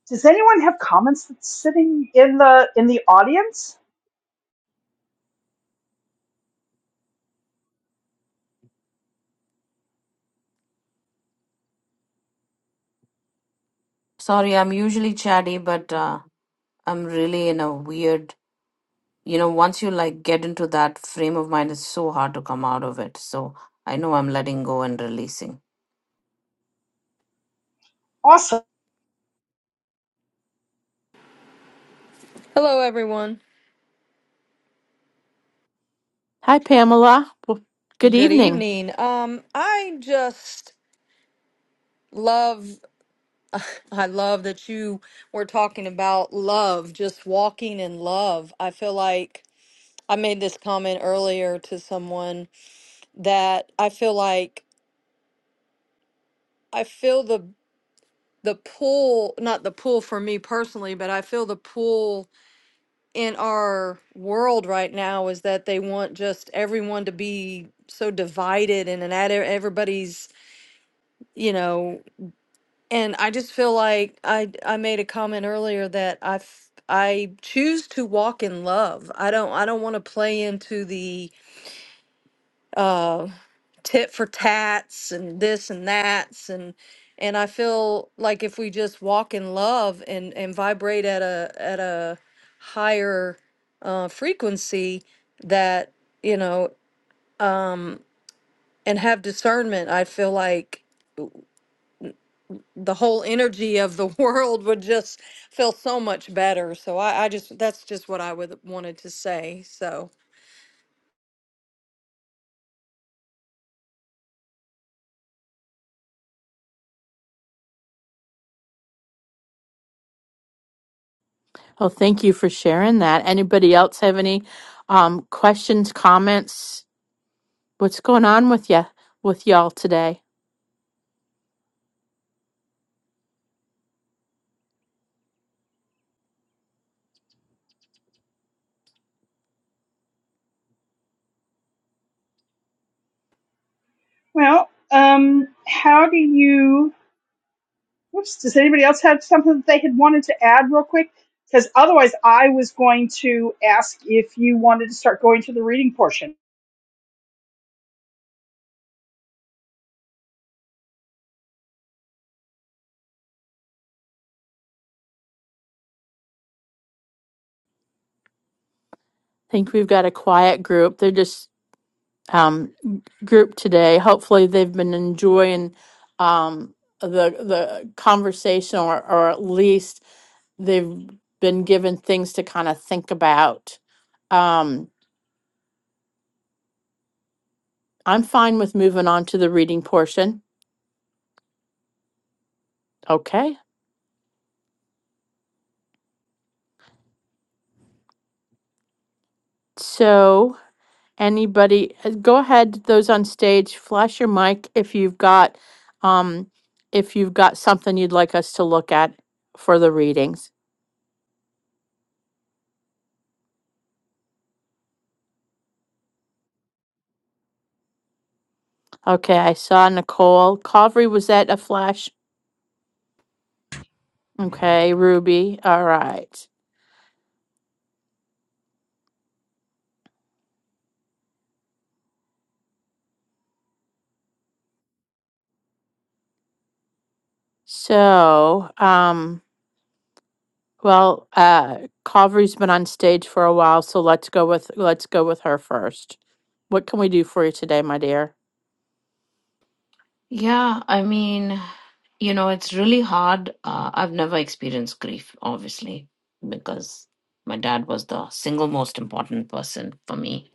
S2: Does anyone have comments that's sitting in the in the audience?
S4: Sorry, I'm usually chatty, but uh, I'm really in a weird, you know, once you like get into that frame of mind, it's so hard to come out of it. So I know I'm letting go and releasing.
S2: Awesome.
S5: Hello, everyone.
S1: hi pamela well, good
S5: Good
S1: evening
S5: evening. Um, I just love, I love that you were talking about love, just walking in love. I feel like I made this comment earlier to someone that I feel like I feel the the pull, not the pull for me personally, but I feel the pull in our world right now is that they want just everyone to be so divided and, and at everybody's you know And I just feel like I I made a comment earlier that I f- I choose to walk in love. I don't I don't want to play into the uh tit for tats and this and that's and and I feel like if we just walk in love and and vibrate at a at a higher uh frequency that you know and have discernment, I feel like the whole energy of the world would just feel so much better. So I, I just that's just what I would wanted to say. So
S1: well thank you for sharing that anybody else have any um questions comments what's going on with you with y'all today
S2: Well, um, how do you? Oops, does anybody else have something that they had wanted to add real quick? Because otherwise, I was going to ask if you wanted to start going to the reading portion.
S1: think we've got a quiet group they're just um, group today. Hopefully, they've been enjoying um, the the conversation, or or at least they've been given things to kind of think about. Um, I'm fine with moving on to the reading portion. Okay, so anybody, uh, go ahead. Those on stage, flash your mic if you've got um, if you've got something you'd like us to look at for the readings. Okay, I saw Nicole Covery. Was that a flash? Okay, Ruby. All right. So, um, well, uh, Calvary's been on stage for a while, so let's go with let's go with her first. What can we do for you today, my dear?
S4: Yeah, I mean, you know, it's really hard. Uh, I've never experienced grief, obviously, because my dad was the single most important person for me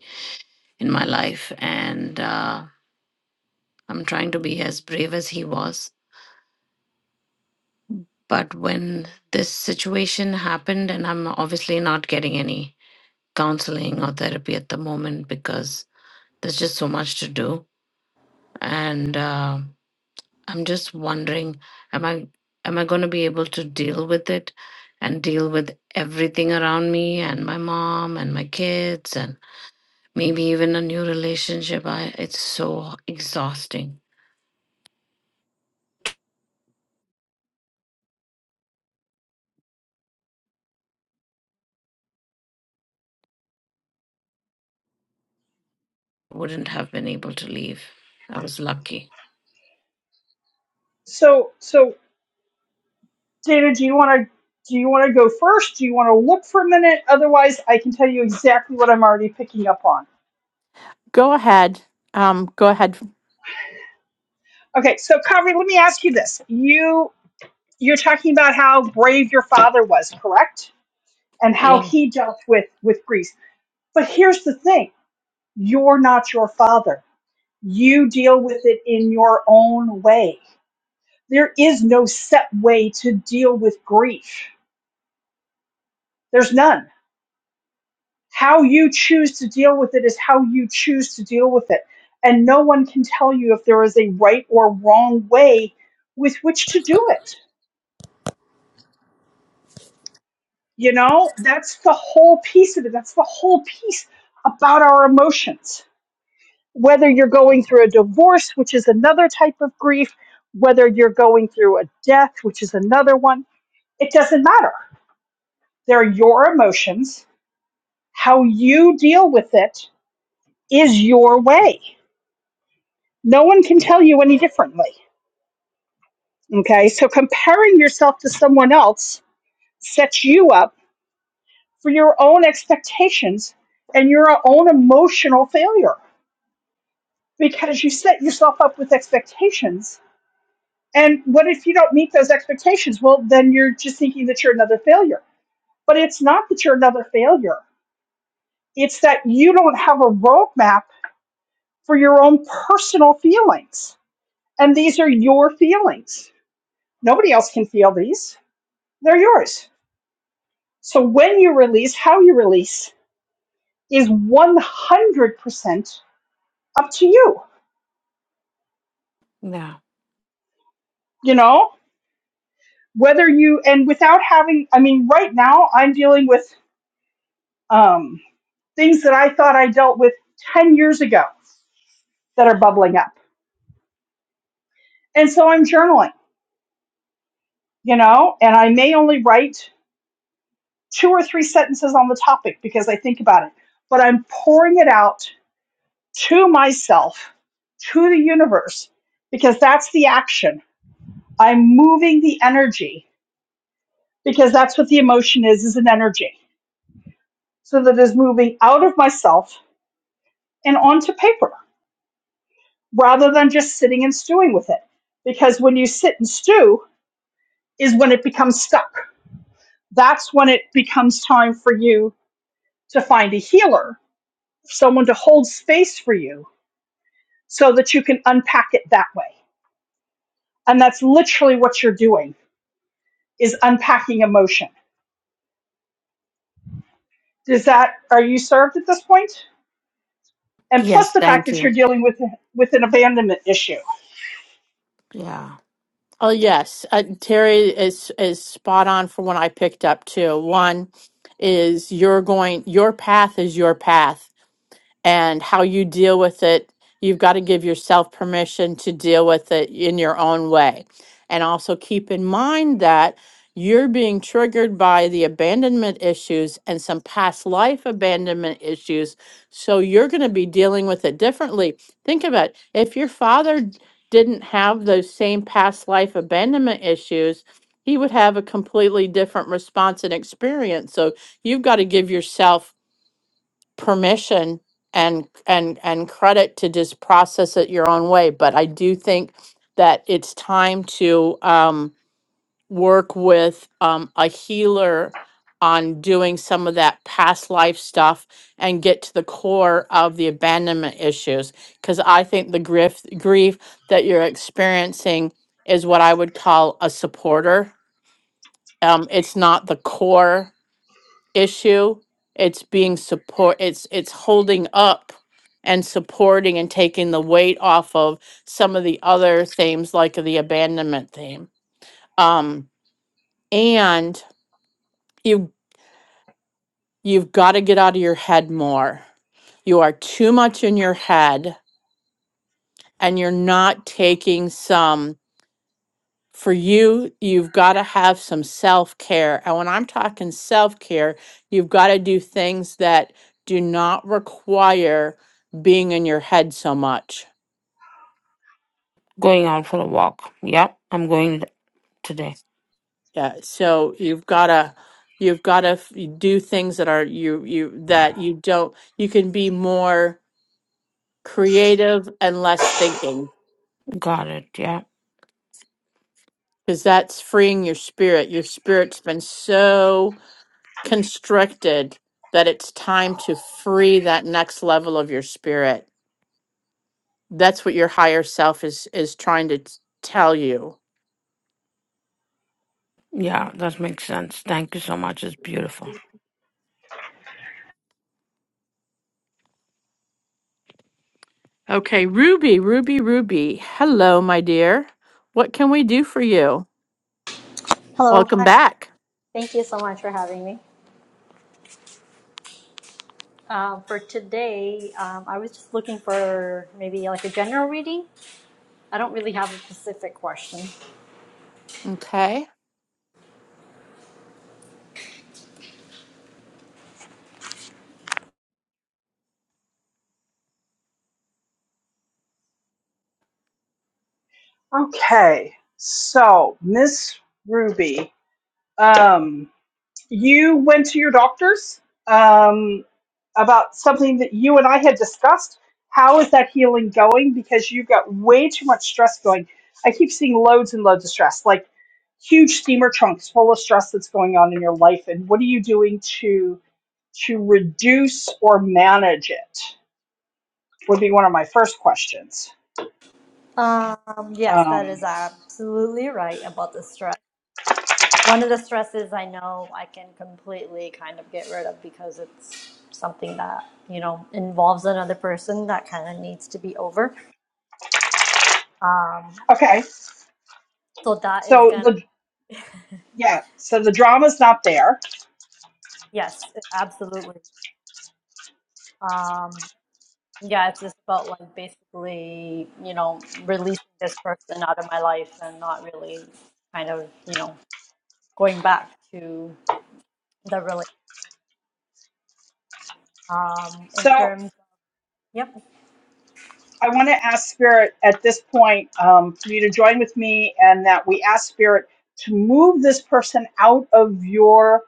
S4: in my life. And uh, I'm trying to be as brave as he was. But when this situation happened, and I'm obviously not getting any counseling or therapy at the moment because there's just so much to do. And uh, I'm just wondering, am I am I going to be able to deal with it and deal with everything around me and my mom and my kids and maybe even a new relationship? I it's so exhausting. Wouldn't have been able to leave. I was lucky.
S2: So, so Dana, do you want to? Do you want to go first? Do you want to look for a minute? Otherwise, I can tell you exactly what I'm already picking up on.
S1: Go ahead. Um, go ahead.
S2: Okay, so Kavri, let me ask you this: you you're talking about how brave your father was, correct? And how
S4: Yeah.
S2: he dealt with with grief. But here's the thing You're not your father. You deal with it in your own way. There is no set way to deal with grief. There's none. How you choose to deal with it is how you choose to deal with it. And no one can tell you if there is a right or wrong way with which to do it. You know, that's the whole piece of it. That's the whole piece about our emotions whether you're going through a divorce, which is another type of grief, whether you're going through a death, which is another one, it doesn't matter. They're your emotions. How you deal with it is your way. No one can tell you any differently. Okay. So comparing yourself to someone else sets you up for your own expectations and your own emotional failure because you set yourself up with expectations And what if you don't meet those expectations? Well, then you're just thinking that you're another failure. But it's not that you're another failure. It's that you don't have a roadmap for your own personal feelings. And these are your feelings. Nobody else can feel these. They're yours. So when you release, how you release is 100% up to you.
S4: Yeah.
S2: You know, whether you, and without having, I mean, right now I'm dealing with um, things that I thought I dealt with 10 years ago that are bubbling up. And so I'm journaling, you know, and I may only write two or three sentences on the topic because I think about it, but I'm pouring it out to myself, to the universe, because that's the action. I'm moving the energy because that's what the emotion is, is an energy. So that is moving out of myself and onto paper rather than just sitting and stewing with it. Because when you sit and stew is when it becomes stuck. That's when it becomes time for you to find a healer, someone to hold space for you so that you can unpack it that way. And that's literally what you're doing is unpacking emotion. Does that are you served at this point? And
S4: Yes,
S2: plus the fact
S4: thank
S2: that you're
S4: you.
S2: dealing with with an abandonment issue.
S4: Yeah.
S1: Oh yes, uh, Terry is is spot on for what I picked up too. One is you're going. Your path is your path. and how you deal with it. You've got to give yourself permission to deal with it in your own way. And also keep in mind that you're being triggered by the abandonment issues and some past life abandonment issues. So you're going to be dealing with it differently. Think about it. if your father d- didn't have those same past life abandonment issues, he would have a completely different response and experience. So you've got to give yourself permission and and and credit to just process it your own way but i do think that it's time to um, work with um, a healer on doing some of that past life stuff and get to the core of the abandonment issues because i think the grief grief that you're experiencing is what i would call a supporter um, it's not the core issue it's being support it's it's holding up and supporting and taking the weight off of some of the other themes like the abandonment theme um and you you've got to get out of your head more you are too much in your head and you're not taking some for you, you've got to have some self care. And when I'm talking self care, you've got to do things that do not require being in your head so much.
S4: Going out for a walk. Yeah, I'm going today.
S1: Yeah. So you've got to you've got to do things that are you you that you don't you can be more creative and less thinking
S4: Got it. Yeah.
S1: because that's freeing your spirit. Your spirit's been so constricted that it's time to free that next level of your spirit that's what your higher self is is trying to t- tell you.
S4: Yeah, that makes sense. Thank you so much. It's beautiful.
S1: Okay, Ruby, Ruby, Ruby. Hello, my dear. What can we do for you?
S6: Hello,
S1: Welcome
S6: hi.
S1: back.
S6: Thank you so much for having me. Um, for today, um, I was just looking for maybe like a general reading. I don't really have a specific question.
S1: Okay.
S2: Okay. So, Miss Ruby, um you went to your doctors? Um about something that you and I had discussed. How is that healing going? Because you've got way too much stress going. I keep seeing loads and loads of stress, like huge steamer trunks full of stress that's going on in your life. And what are you doing to to reduce or manage it? Would be one of my first questions.
S6: Um, yes, that
S2: Um,
S6: is absolutely right about the stress. One of the stresses I know I can completely kind of get rid of because it's something that, you know, involves another person that kind of needs to be over. Um,
S2: okay,
S6: so that is
S2: so
S6: gonna,
S2: the yeah, so the drama's not there.
S6: yes, absolutely. Um, yeah, it's just about like basically, you know, releasing this person out of my life and not really kind of, you know, going back to the relationship. Um, in
S2: So
S6: terms, yep,
S2: I want to ask Spirit at this point um, for you to join with me and that we ask Spirit to move this person out of your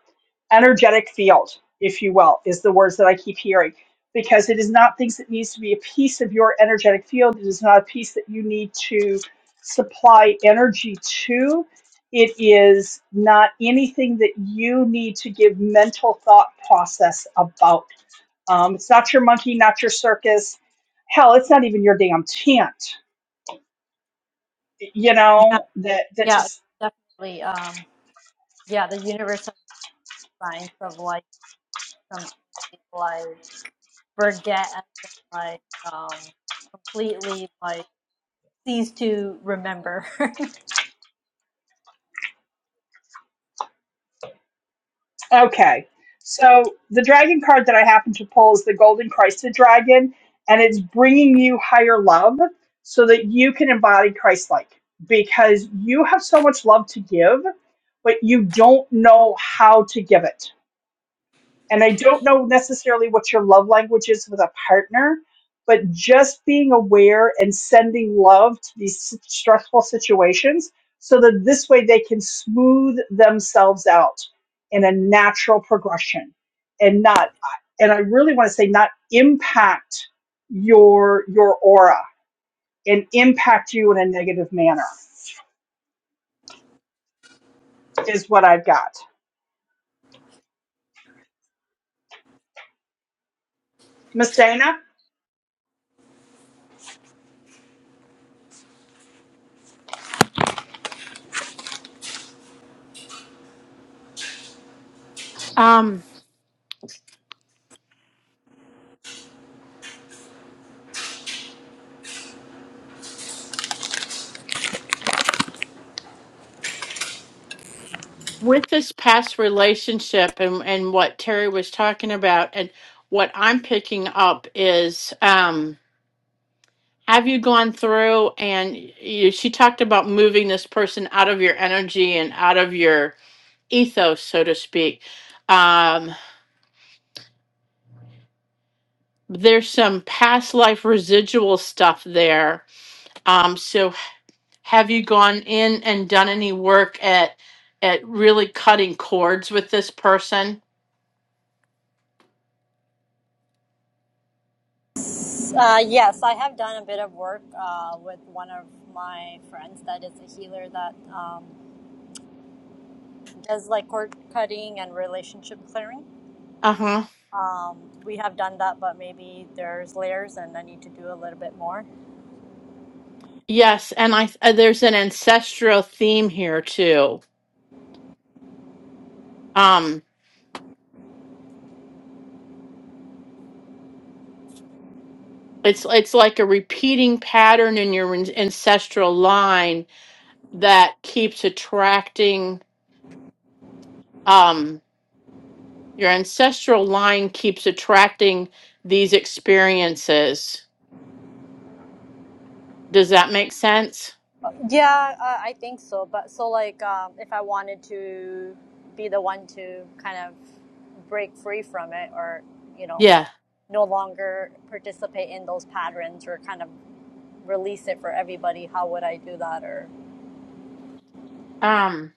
S2: energetic field, if you will, is the words that I keep hearing. Because it is not things that needs to be a piece of your energetic field. It is not a piece that you need to supply energy to. It is not anything that you need to give mental thought process about um, it's not your monkey, not your circus. Hell, it's not even your damn tent. You
S6: yeah,
S2: know that that
S6: yeah,
S2: just
S6: definitely. Um, yeah, the universe has signs of like something like forget and then like um completely like cease to remember.
S2: okay. So the dragon card that I happen to pull is the Golden Christed Dragon, and it's bringing you higher love so that you can embody Christ-like because you have so much love to give, but you don't know how to give it and I don't know necessarily what your love language is with a partner, but just being aware and sending love to these s- stressful situations so that this way they can smooth themselves out in a natural progression and not and I really want to say not impact your your aura and impact you in a negative manner is what I've got. Miss Dana,
S1: Um with this past relationship and and what Terry was talking about and what I'm picking up is um have you gone through and you, she talked about moving this person out of your energy and out of your ethos so to speak um there's some past life residual stuff there. Um, so have you gone in and done any work at at really cutting cords with this person?
S6: Uh, yes, I have done a bit of work uh, with one of my friends that is a healer that um, does like cord cutting and relationship clearing.
S1: Uh huh.
S6: Um, we have done that, but maybe there's layers and I need to do a little bit more.
S1: Yes, and I uh, there's an ancestral theme here too. Um, it's it's like a repeating pattern in your an- ancestral line that keeps attracting. Um, your ancestral line keeps attracting these experiences. Does that make sense?
S6: Yeah, uh, I think so. But so, like, um, if I wanted to be the one to kind of break free from it or, you know,
S1: Yeah.
S6: no longer participate in those patterns or kind of release it for everybody, how would I do that? Or
S1: Um,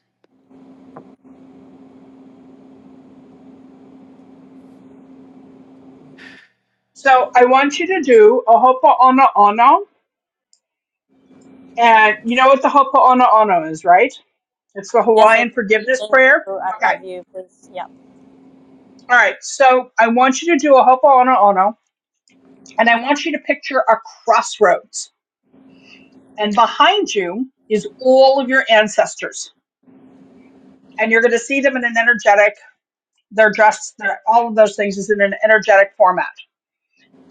S2: so I want you to do a hopo'ono'ono And you know what the Ho'oponopono is, right? It's the
S6: Yes, I
S2: Hawaiian
S6: do.
S2: forgiveness
S6: Thank
S2: prayer.
S6: you. I
S2: Okay.
S6: love you. Please. Yeah.
S2: All right. So I want you to do a Ho'oponopono, and I want you to picture a crossroads. And behind you is all of your ancestors. And you're going to see them in an energetic, they're dressed, they're, all of those things is in an energetic format.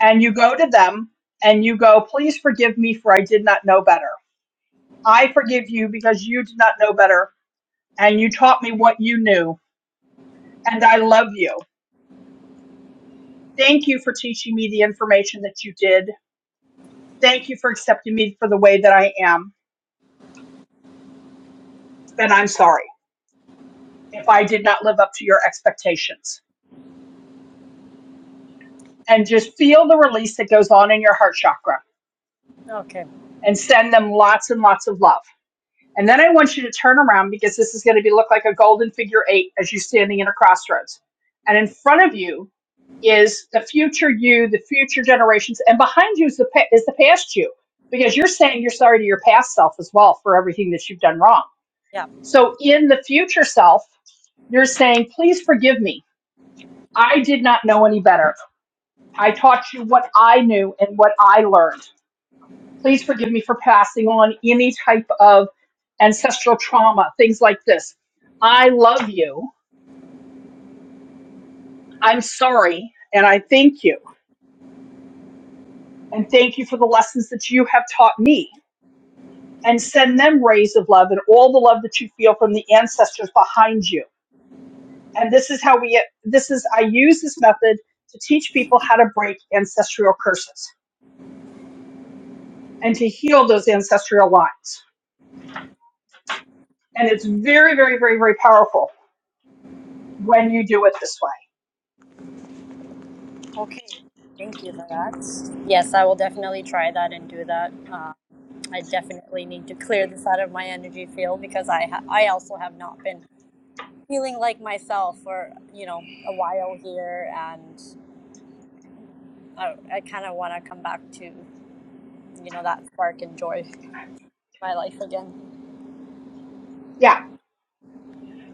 S2: And you go to them and you go, please forgive me for I did not know better. I forgive you because you did not know better and you taught me what you knew and I love you Thank you for teaching me the information that you did. Thank you for accepting me for the way that I am. And I'm sorry if I did not live up to your expectations. And just feel the release that goes on in your heart chakra
S6: Okay.
S2: and send them lots and lots of love. And then I want you to turn around because this is going to be look like a golden figure eight as you're standing in a crossroads. And in front of you is the future you, the future generations, and behind you is the pa- is the past you because you're saying you're sorry to your past self as well for everything that you've done wrong
S6: Yeah.
S2: So in the future self, you're saying, please forgive me. I did not know any better. I taught you what I knew and what I learned. Please forgive me for passing on any type of ancestral trauma, things like this. I love you. I'm sorry. And I thank you. And thank you for the lessons that you have taught me. And send them rays of love and all the love that you feel from the ancestors behind you and this is how we this is i use this method to teach people how to break ancestral curses and to heal those ancestral lines and it's very very very very powerful when you do it this way
S6: Okay. Thank you for that. Yes, I will definitely try that and do that. Uh, I definitely need to clear this out of my energy field because I ha- I also have not been feeling like myself for you know a while here, and I, I kind of want to come back to you know that spark and joy in my life again.
S2: yeah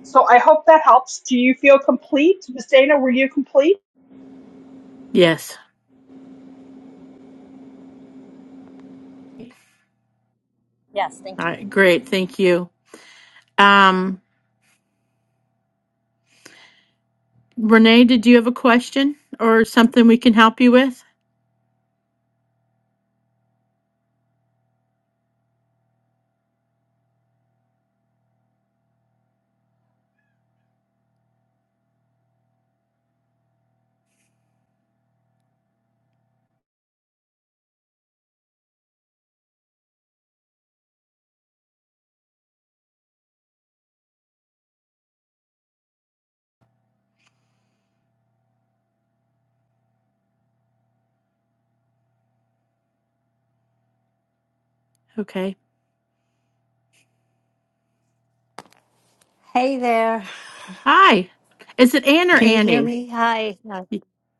S2: so i hope that helps do you feel complete miss dana were you complete
S1: yes. All
S6: Yes, thank you.
S1: right, great. Thank you. Um, Renee, did you have a question or something we can help you with? Okay.
S7: Hey there.
S1: Hi. Is it Ann or
S7: Can you hear
S1: Annie?
S7: me? Hi. Uh,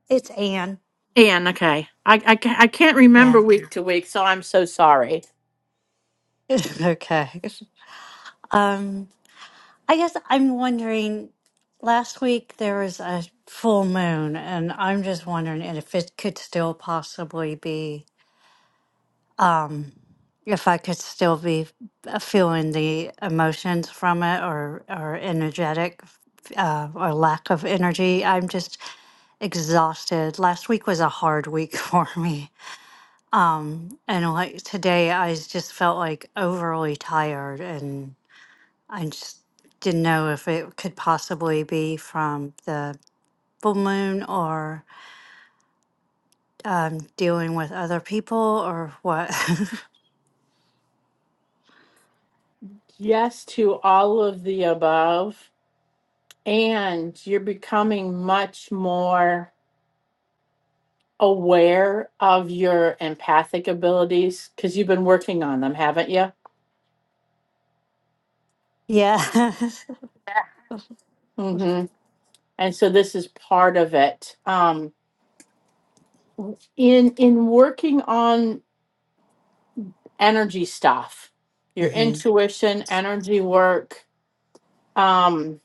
S7: It's Anne.
S1: Ann, okay. I, I, ca- I can't remember
S7: Yeah.
S1: week to week, so I'm so sorry.
S7: okay. Um, I guess I'm wondering last week there was a full moon and I'm just wondering if it could still possibly be um if I could still be uh, feeling the emotions from it or or energetic uh, or lack of energy. I'm just exhausted. Last week was a hard week for me. And like today, I just felt like overly tired, and I just didn't know if it could possibly be from the full moon or um, dealing with other people or what.
S1: Yes to all of the above. And you're becoming much more aware of your empathic abilities because you've been working on them, haven't you?
S7: yeah.
S1: Mm-hmm. And so this is part of it. Um, in in working on energy stuff, your
S7: hmm
S1: intuition, energy work. Um,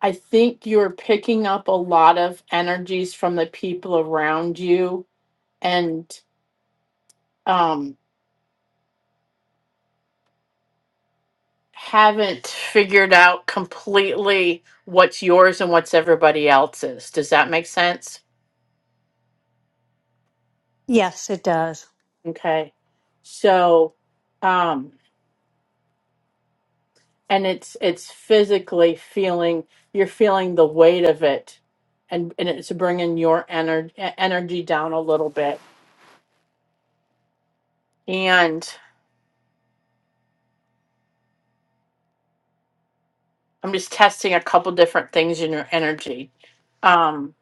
S1: I think you're picking up a lot of energies from the people around you, and um, haven't figured out completely what's yours and what's everybody else's. Does that make sense?
S7: Yes, it does.
S1: Okay. So, um, and it's it's physically feeling you're feeling the weight of it and and it's bringing your energy energy down a little bit and i'm just testing a couple different things in your energy um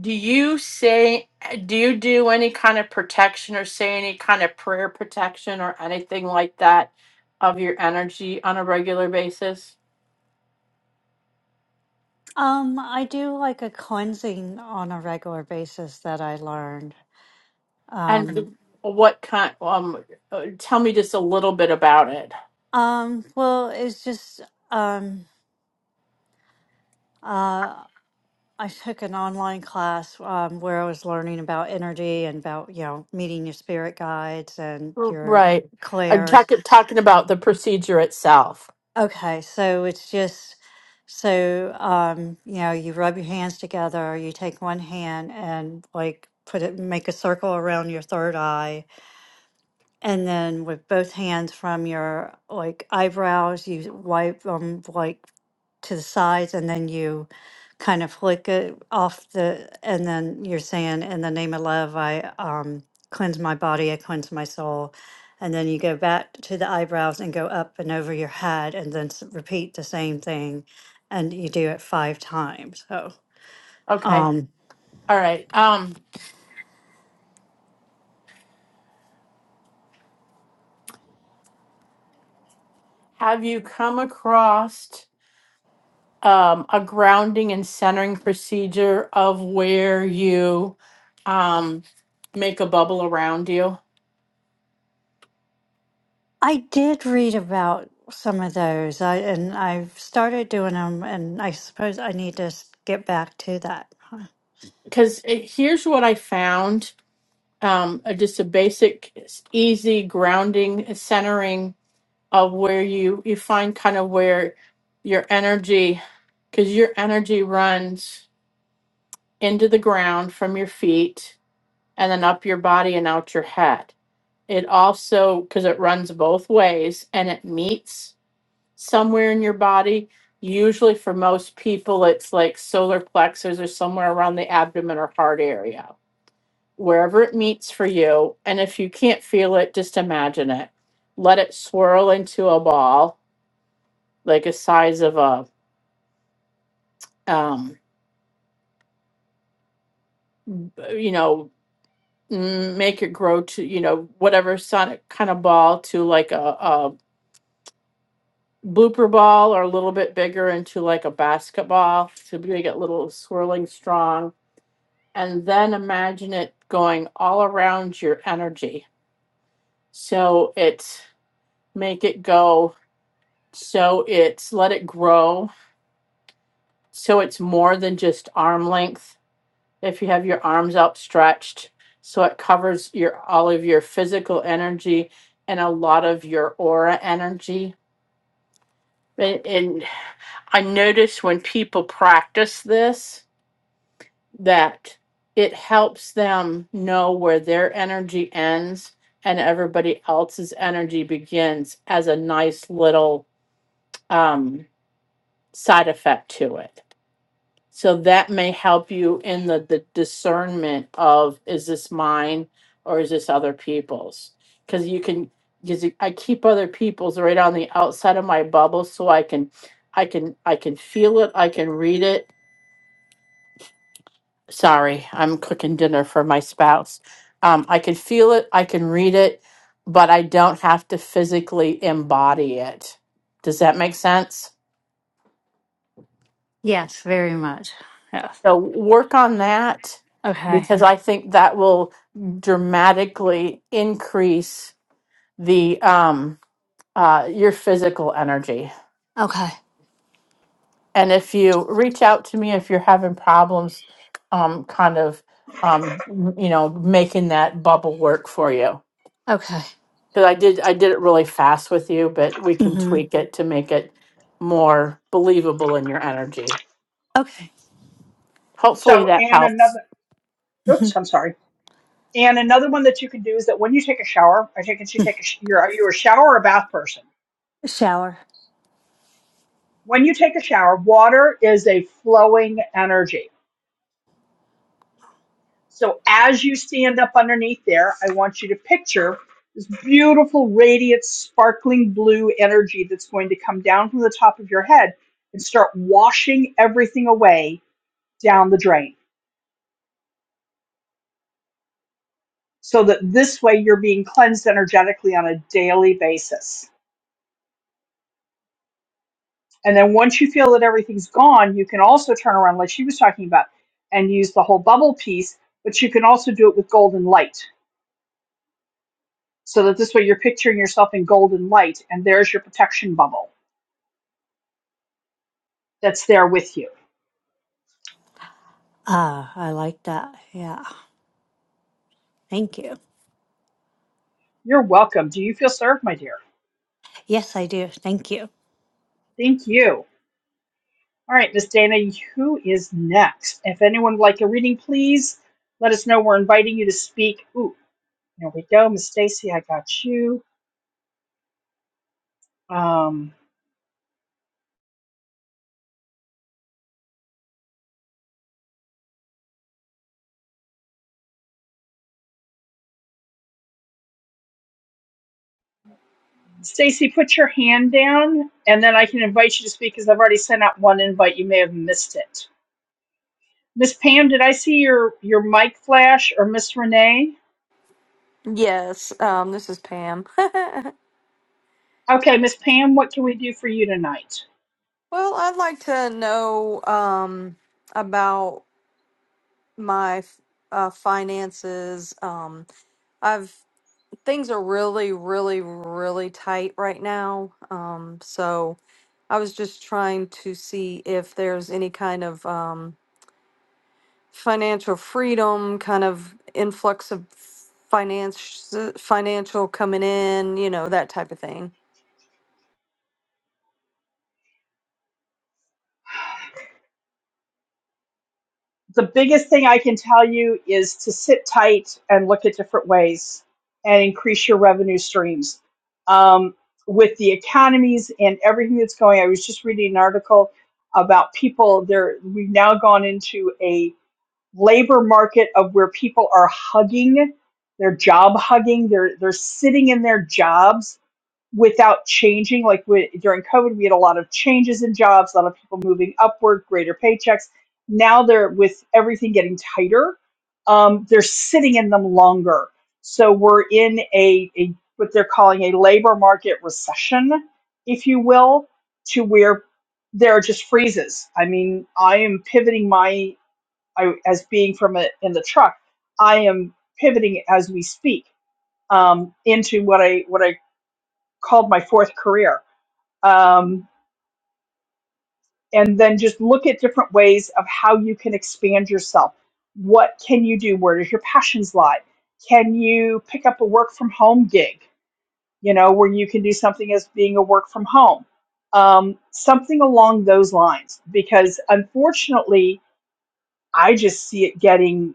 S1: do you say do you do any kind of protection or say any kind of prayer protection or anything like that of your energy on a regular basis
S7: Um, I do like a cleansing on a regular basis that I learned.
S1: and
S7: Um,
S1: what kind um uh, tell me just a little bit about it
S7: um, well, it's just um, uh, I took an online class um, where I was learning about energy and about, you know, meeting your spirit guides and
S1: R-
S7: your
S1: Right. I'm
S7: clairs.
S1: talk- talking about the procedure itself.
S7: Okay, so it's just so um, you know, you rub your hands together, you take one hand and like put it make a circle around your third eye And then with both hands from your like eyebrows, you wipe them like to the sides and then you kind of flick it off the, and then you're saying, in the name of love, I um, cleanse my body, I cleanse my soul. And then you go back to the eyebrows and go up and over your head and then s- repeat the same thing. And you do it five times. So,
S1: Okay.
S7: um,
S1: All right. Um, have you come across? um, a grounding and centering procedure of where you um, make a bubble around you.
S7: I did read about some of those. I and I've started doing them, and I suppose I need to s- get back to that. huh?
S1: Because here's what I found um, uh, just a basic, s- easy grounding, and centering of where you, you find kind of where your energy, because your energy runs into the ground from your feet and then up your body and out your head. It also, because it runs both ways and it meets somewhere in your body. Usually for most people, it's like solar plexus or somewhere around the abdomen or heart area, wherever it meets for you. And if you can't feel it, just imagine it. Let it swirl into a ball, like a size of a, um, you know, mm, make it grow to, you know, whatever sonic kind of ball to like a, a blooper ball or a little bit bigger into like a basketball So make it little swirling strong and then imagine it going all around your energy. So it's make it go. So it's let it grow. So it's more than just arm length. If you have your arms outstretched, so it covers your all of your physical energy and a lot of your aura energy. And, and I notice when people practice this, that it helps them know where their energy ends and everybody else's energy begins as a nice little um, side effect to it. So that may help you in the, the discernment of is this mine or is this other people's? Because you can, because I keep other people's right on the outside of my bubble, so I can, I can, I can feel it, I can read it, Sorry, I'm cooking dinner for my spouse. Um, I can feel it, I can read it, but I don't have to physically embody it. Does that make sense?
S7: Yes, very much. Yes.
S1: So work on that
S7: Okay.
S1: because I think that will dramatically increase the um, uh, your physical energy.
S7: Okay.
S1: And if you reach out to me if you're having problems, um, kind of um, you know making that bubble work for you.
S7: Okay.
S1: Because I did I did it really fast with you, but we can
S7: hmm
S1: tweak it to make it more believable in your energy.
S7: Okay.
S1: Hopefully
S2: so
S1: that
S2: and
S1: helps.
S2: another
S7: hmm
S2: oops i'm sorry and another one that you can do is that when you take a shower i take it you take a sh- you're, are you a shower or bath person
S7: Shower.
S2: when you take a shower water is a flowing energy So as you stand up underneath there, I want you to picture this beautiful, radiant, sparkling blue energy that's going to come down from the top of your head and start washing everything away down the drain. So that this way you're being cleansed energetically on a daily basis. And then once you feel that everything's gone, you can also turn around, like she was talking about, and use the whole bubble piece, but you can also do it with golden light. So that this way you're picturing yourself in golden light, and there's your protection bubble that's there with you.
S7: Ah, I like that. Yeah. Thank you.
S2: You're welcome. Do you feel served, my dear?
S7: Yes, I do. Thank you.
S2: Thank you. All right, Miss Dana, who is next? If anyone would like a reading, please let us know. We're inviting you to speak. Ooh, there we go, Miss Stacy. I got you. Um, Stacy, put your hand down, and then I can invite you to speak because I've already sent out one invite. You may have missed it. Miss Pam, did I see your your mic flash or Miss Renee?
S5: Yes, um, this is Pam.
S2: Okay, Miss Pam, what can we do for you tonight?
S5: Well, I'd like to know um, about my uh, finances. Um, I've things are really, really, really tight right now. Um, so I was just trying to see if there's any kind of um, financial freedom, kind of influx of finance, financial coming in, you know, that type of thing.
S2: the biggest thing I can tell you is to sit tight and look at different ways and increase your revenue streams. Um, with the economies and everything that's going, I was just reading an article about people. There, we've now gone into a labor market of where people are hugging, they're job hugging, they're they're sitting in their jobs without changing. Like we, during COVID, we had a lot of changes in jobs, a lot of people moving upward, greater paychecks. Now they're with everything getting tighter. Um, they're sitting in them longer, so we're in a, a what they're calling a labor market recession, if you will, to where there are just freezes. I mean, I am pivoting my I, as being from a, in the truck. I am pivoting as we speak um, into what I what I called my fourth career um, and then just look at different ways of how you can expand yourself. What can you do? Where does your passions lie? Can you pick up a work from home gig? You know, where you can do something as being a work from home, um, something along those lines. Because unfortunately, I just see it getting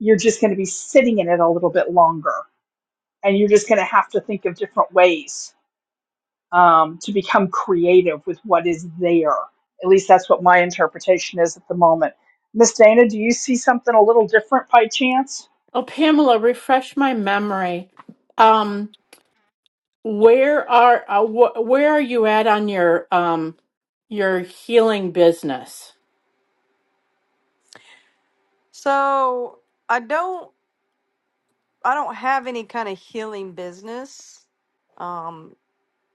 S2: you're just going to be sitting in it a little bit longer, and you're just going to have to think of different ways um, to become creative with what is there. At least that's what my interpretation is at the moment. Miss Dana, do you see something a little different by chance?
S1: Oh, Pamela, refresh my memory. Um, where are uh, wh- where are you at on your um your healing business?
S5: So I don't, I don't have any kind of healing business. Um,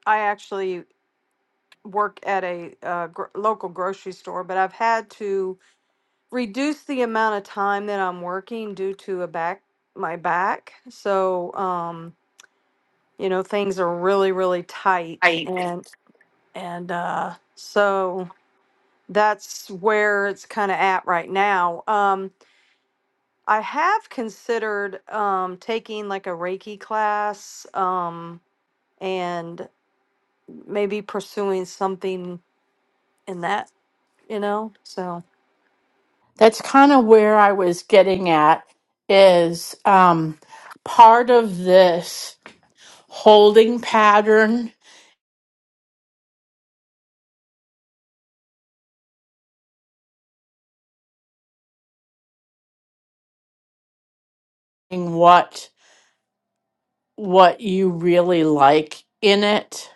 S5: I actually work at a uh, gr- local grocery store, but I've had to reduce the amount of time that I'm working due to a back, my back. So, um, you know, things are really, really tight
S1: I
S5: and, and, uh, so that's where it's kind of at right now. Um, I have considered um, taking like a Reiki class um, and maybe pursuing something in that, you know. So
S1: That's kind of where I was getting at is um part of this. holding pattern and what what you really like in it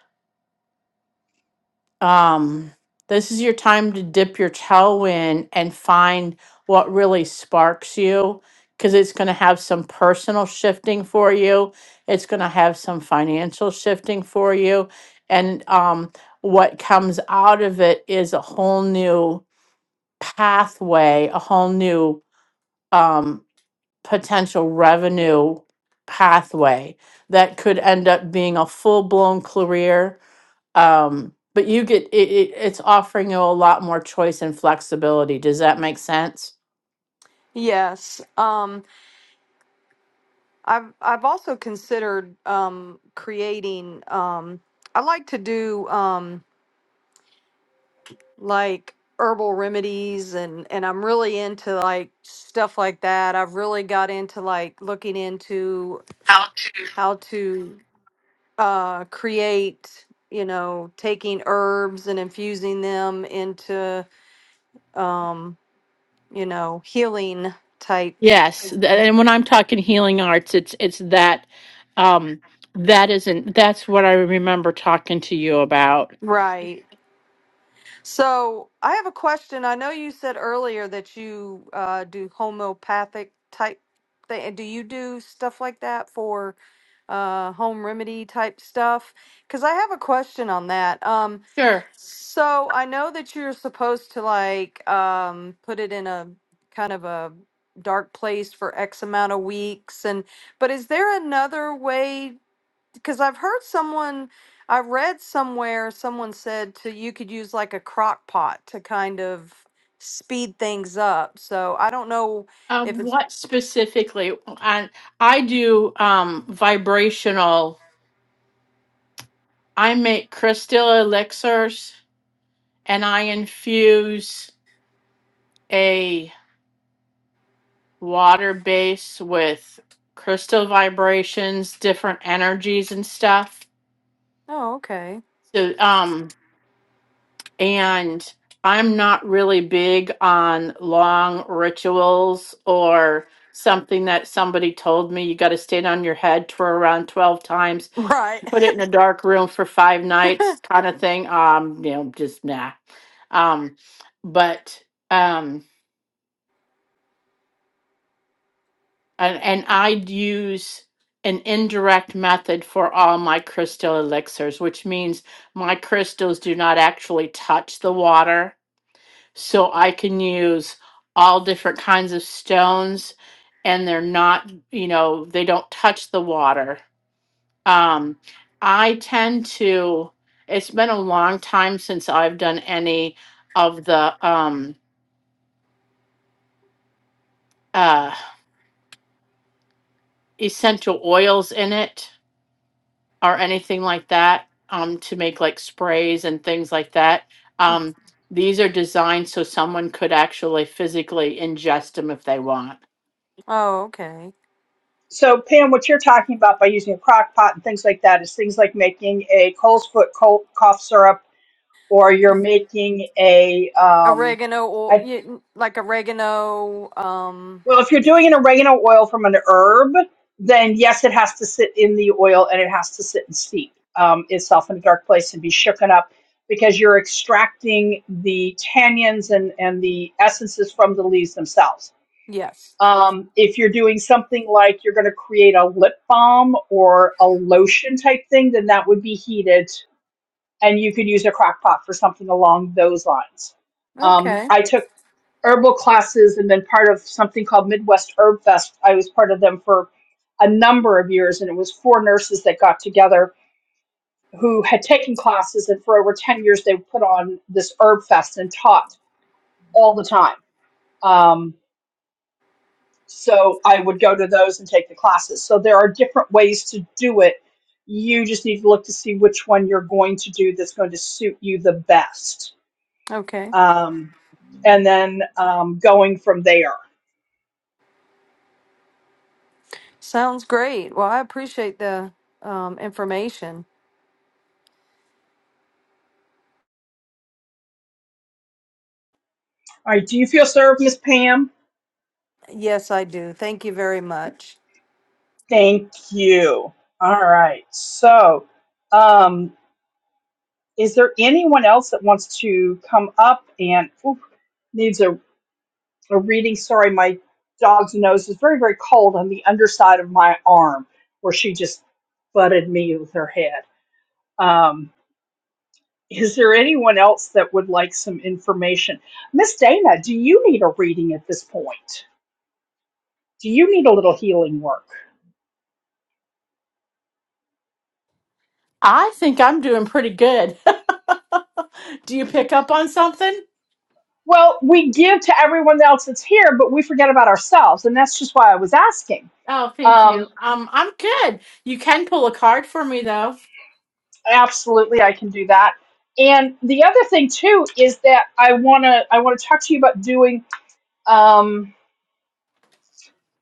S1: um this is your time to dip your toe in and find what really sparks you because it's going to have some personal shifting for you it's going to have some financial shifting for you and um what comes out of it is a whole new pathway a whole new um, potential revenue pathway that could end up being a full-blown career um, but you get it, it, it's offering you a lot more choice and flexibility does that make sense
S5: yes, um, I've I've also considered um, creating. Um, I like to do um, like herbal remedies and and I'm really into like stuff like that. I've really got into like looking into how to uh, create, you know, taking herbs and infusing them into, um, you know, healing type.
S1: Yes, th- and when I'm talking healing arts, it's it's that um that isn't that's what I remember talking to you about.
S5: Right. So I have a question. I know you said earlier that you uh, do homeopathic type thing. Do you do stuff like that for uh, home remedy type stuff? Because I have a question on that. Um,
S1: Sure.
S5: So I know that you're supposed to like um put it in a kind of a dark place for X amount of weeks and but is there another way because I've heard someone I read somewhere someone said to you could use like a crock pot to kind of speed things up. So I don't know if
S1: Um,
S5: it's
S1: what specifically? I I do um vibrational. I make crystal elixirs and I infuse a water base with crystal vibrations, different energies and stuff.
S5: Oh, okay.
S1: So um and I'm not really big on long rituals or something that somebody told me you got to stand on your head for around 12 times
S5: Right.
S1: put it in a dark room for five nights kind of thing um you know just nah um but um and, and i'd use an indirect method for all my crystal elixirs which means my crystals do not actually touch the water so i can use all different kinds of stones and they're not you know they don't touch the water Um, I tend to, it's been a long time since I've done any of the um, uh, essential oils in it or anything like that um, to make like sprays and things like that. Um, these are designed so someone could actually physically ingest them if they want.
S5: oh, okay.
S2: So, Pam, what you're talking about by using a crock pot and things like that is things like making a Cole's foot cough syrup, or you're making a um,
S5: Oregano or
S2: I
S5: y- like oregano um
S2: Well, if you're doing an oregano oil from an herb, then yes, it has to sit in the oil and it has to sit and steep um, itself in a dark place and be shooken up because you're extracting the tannins and, and the essences from the leaves themselves.
S5: yes.
S2: Um, if you're doing something like you're going to create a lip balm or a lotion type thing, then that would be heated and you could use a crock pot for something along those lines. Um,
S5: Okay.
S2: I took herbal classes and been part of something called Midwest Herb Fest. I was part of them for a number of years, and it was four nurses that got together who had taken classes, and for over 10 years, they put on this Herb Fest and taught all the time. Um, so I would go to those and take the classes. So there are different ways to do it. You just need to look to see which one you're going to do that's going to suit you the best.
S5: Okay.
S2: Um, and then um, going from there.
S5: Sounds great. Well, I appreciate the um, information.
S2: All right, do you feel served, Miss Pam?
S5: Yes, I do. Thank you very much.
S2: Thank you. All right, so um, is there anyone else that wants to come up and oof, needs a, a reading? Sorry, my dog's nose is very, very cold on the underside of my arm where she just butted me with her head. Um, Is there anyone else that would like some information? Miss Dana, do you need a reading at this point? Do you need a little healing work?
S1: I think I'm doing pretty good. Do you pick up on something?
S2: Well, we give to everyone else that's here, but we forget about ourselves. And that's just why I was asking.
S1: Oh, thank you.
S2: Um,
S1: Um, I'm good. You can pull a card for me though.
S2: absolutely, I can do that. And the other thing too is that I wanna I wanna talk to you about doing um,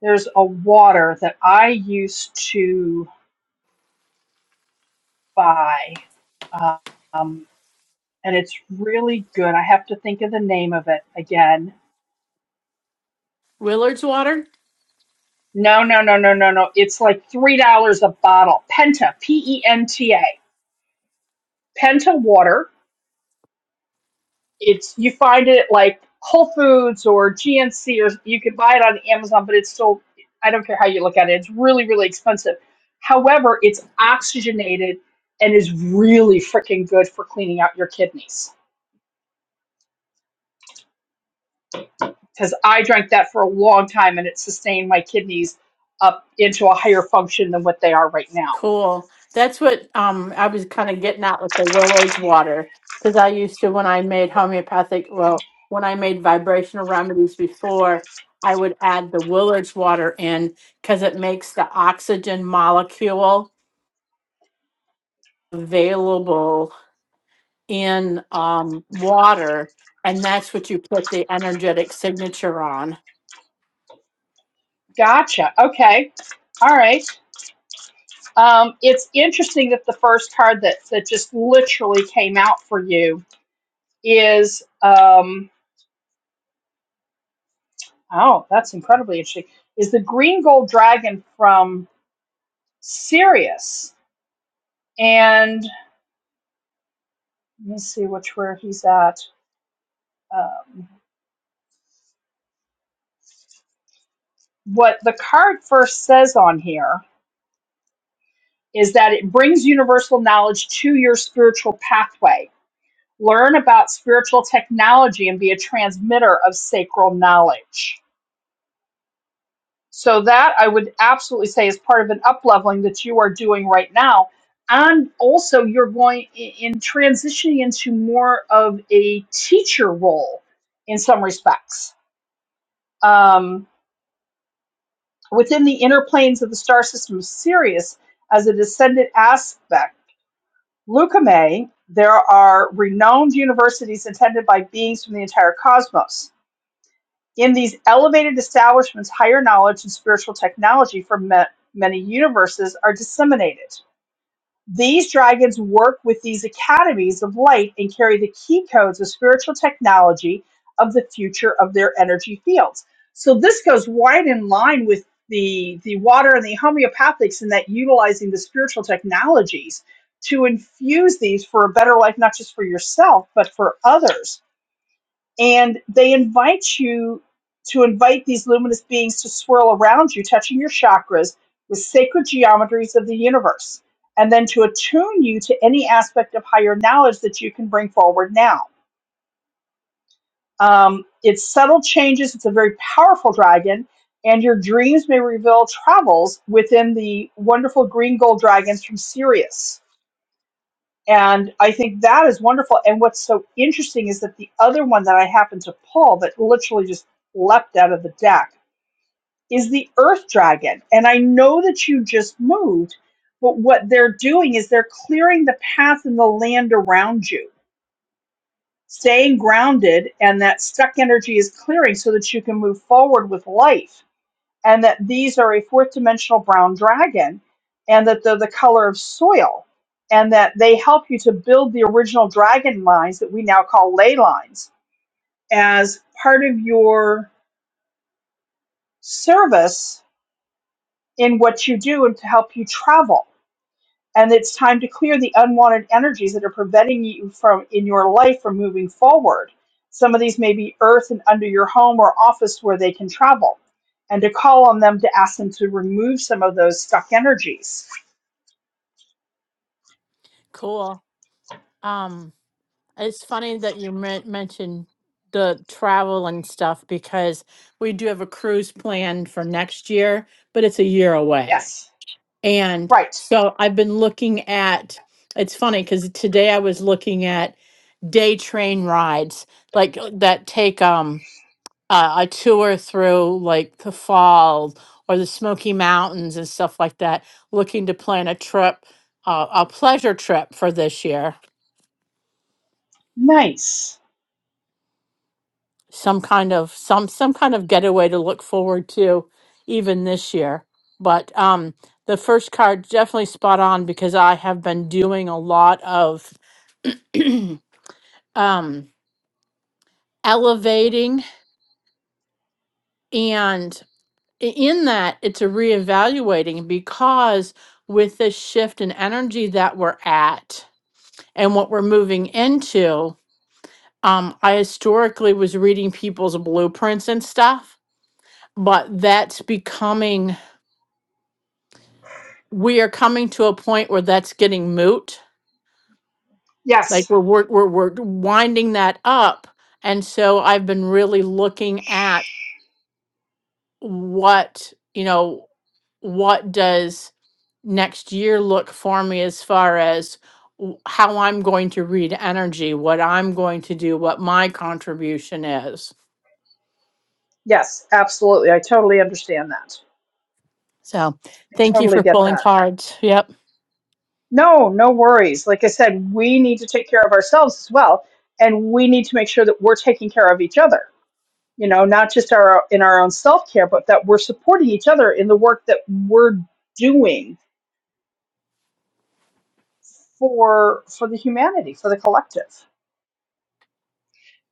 S2: there's a water that I used to buy. Um and it's really good. I have to think of the name of it again.
S1: Willard's water.
S2: No, no, no, no, no, no. It's like three dollars a bottle. Penta, P E N T A, Penta water. It's you find it at like Whole Foods or GNC, or you can buy it on Amazon, but it's still I don't care how you look at it. It's really, really expensive. However, it's oxygenated and is really freaking good for cleaning out your kidneys. because I drank that for a long time and it sustained my kidneys up into a higher function than what they are right now.
S1: Cool. That's what um I was kind of getting at with the Willow's water because I used to when I made homeopathic, well, when I made vibrational remedies before, I would add the Willow's water in because it makes the oxygen molecule available in um water, and that's what you put the energetic signature on.
S2: Gotcha. Okay. All right. Um, it's interesting that the first card that that just literally came out for you is um, oh, that's incredibly interesting. Is the green gold dragon from Sirius? And let me see which where he's at. Um, what the card first says on here is that it brings universal knowledge to your spiritual pathway. Learn about spiritual technology and be a transmitter of sacral knowledge. So that I would absolutely say is part of an up leveling that you are doing right now. And also you're going i- in transitioning into more of a teacher role in some respects. Um, within the inner planes of the star system of Sirius as a descendant aspect Leucomai, there are renowned universities attended by beings from the entire cosmos. In these elevated establishments, higher knowledge and spiritual technology from many universes are disseminated. These dragons work with these academies of light and carry the key codes of spiritual technology of the future of their energy fields. So this goes right in line with the the water and the homeopathics in that utilizing the spiritual technologies to infuse these for a better life, not just for yourself, but for others and they invite you to invite these luminous beings to swirl around you, touching your chakras with sacred geometries of the universe, and then to attune you to any aspect of higher knowledge that you can bring forward now. Um, it's subtle changes, it's a very powerful dragon, and your dreams may reveal travels within the wonderful green gold dragons from Sirius and I think that is wonderful. And what's so interesting is that the other one that I happened to pull that literally just leapt out of the deck is the Earth Dragon. And I know that you just moved, but what they're doing is they're clearing the path and the land around you, staying grounded, and that stuck energy is clearing so that you can move forward with life and that these are a fourth dimensional brown dragon, and that they're the color of soil, and that they help you to build the original dragon lines that we now call ley lines as part of your service in what you do and to help you travel. And it's time to clear the unwanted energies that are preventing you from in your life from moving forward. Some of these may be earth and under your home or office where they can travel, and to call on them to ask them to remove some of those stuck energies
S1: Cool. Um, it's funny that you men- mentioned the travel and stuff because we do have a cruise planned for next year, but it's a year away.
S2: Yes.
S1: And
S2: Right.
S1: so I've been looking at it's funny because today I was looking at day train rides like uh, that take um uh, a tour through like the fall or the Smoky Mountains and stuff like that, looking to plan a trip, uh, a pleasure trip for this year.
S2: Nice.
S1: Some kind of some some kind of getaway to look forward to, even this year. But um, the first card definitely spot on because I have been doing a lot of um, elevating and i- in that it's a reevaluating because with this shift in energy that we're at and what we're moving into um, i historically was reading people's blueprints and stuff but that's becoming we are coming to a point where that's getting moot like
S2: Yes.
S1: we're we're, we're, we're winding that up and so i've been really looking at what you know what does next year look for me as far as w- how I'm going to read energy, what I'm going to do, what my contribution is.
S2: Yes, absolutely. I totally understand that.
S1: So,
S2: I
S1: thank you
S2: totally
S1: for
S2: get
S1: pulling
S2: that.
S1: cards. Yep.
S2: No, no worries. Like I said, we need to take care of ourselves as well, and we need to make sure that we're taking care of each other. You know, not just our in our own self care, but that we're supporting each other in the work that we're doing for for the humanity, for the collective.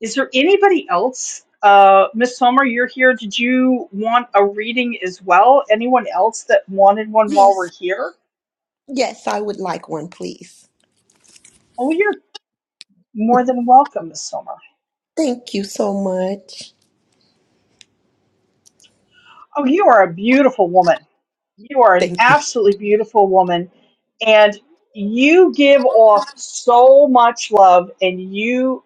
S2: Is there anybody else? Uh, Miss Sommer, you're here. Did you want a reading as well? Anyone else that wanted one while
S8: Yes.
S2: we're here?
S8: Yes, I would like one, please.
S2: Oh, you're more than welcome, Miss Sommer.
S8: Thank you so much.
S2: Oh, you are a beautiful woman. You are an
S8: Thank you.
S2: absolutely beautiful woman, and you give off so much love, and you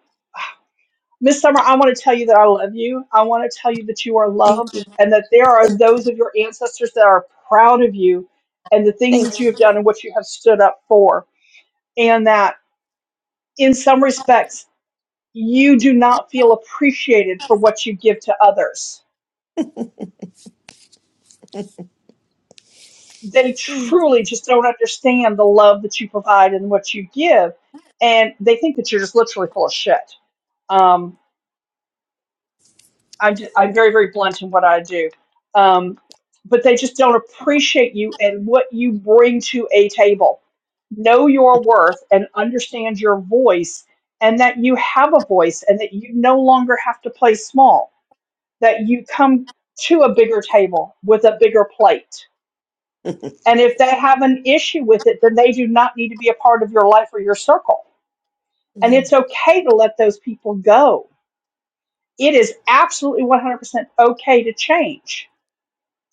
S2: Miss Summer, I want to tell you that I love you. I want to tell you that you are
S8: Thank you.
S2: loved and that there are those of your ancestors that are proud of you and the things
S8: Thank
S2: that you have done and what you have stood up for. And that in some respects, you do not feel appreciated for what you give to others. They
S8: you.
S2: truly just don't understand the love that you provide and what you give. And they think that you're just literally full of shit. Um, I do, I'm very, very blunt in what I do. Um, but they just don't appreciate you and what you bring to a table. Know your worth and understand your voice, and that you have a voice and that you no longer have to play small, that you come to a bigger table with a bigger plate. And if they have an issue with it, then they do not need to be a part of your life or your circle. And
S8: Mm.
S2: it's okay to let those people go. It is absolutely 100% okay to change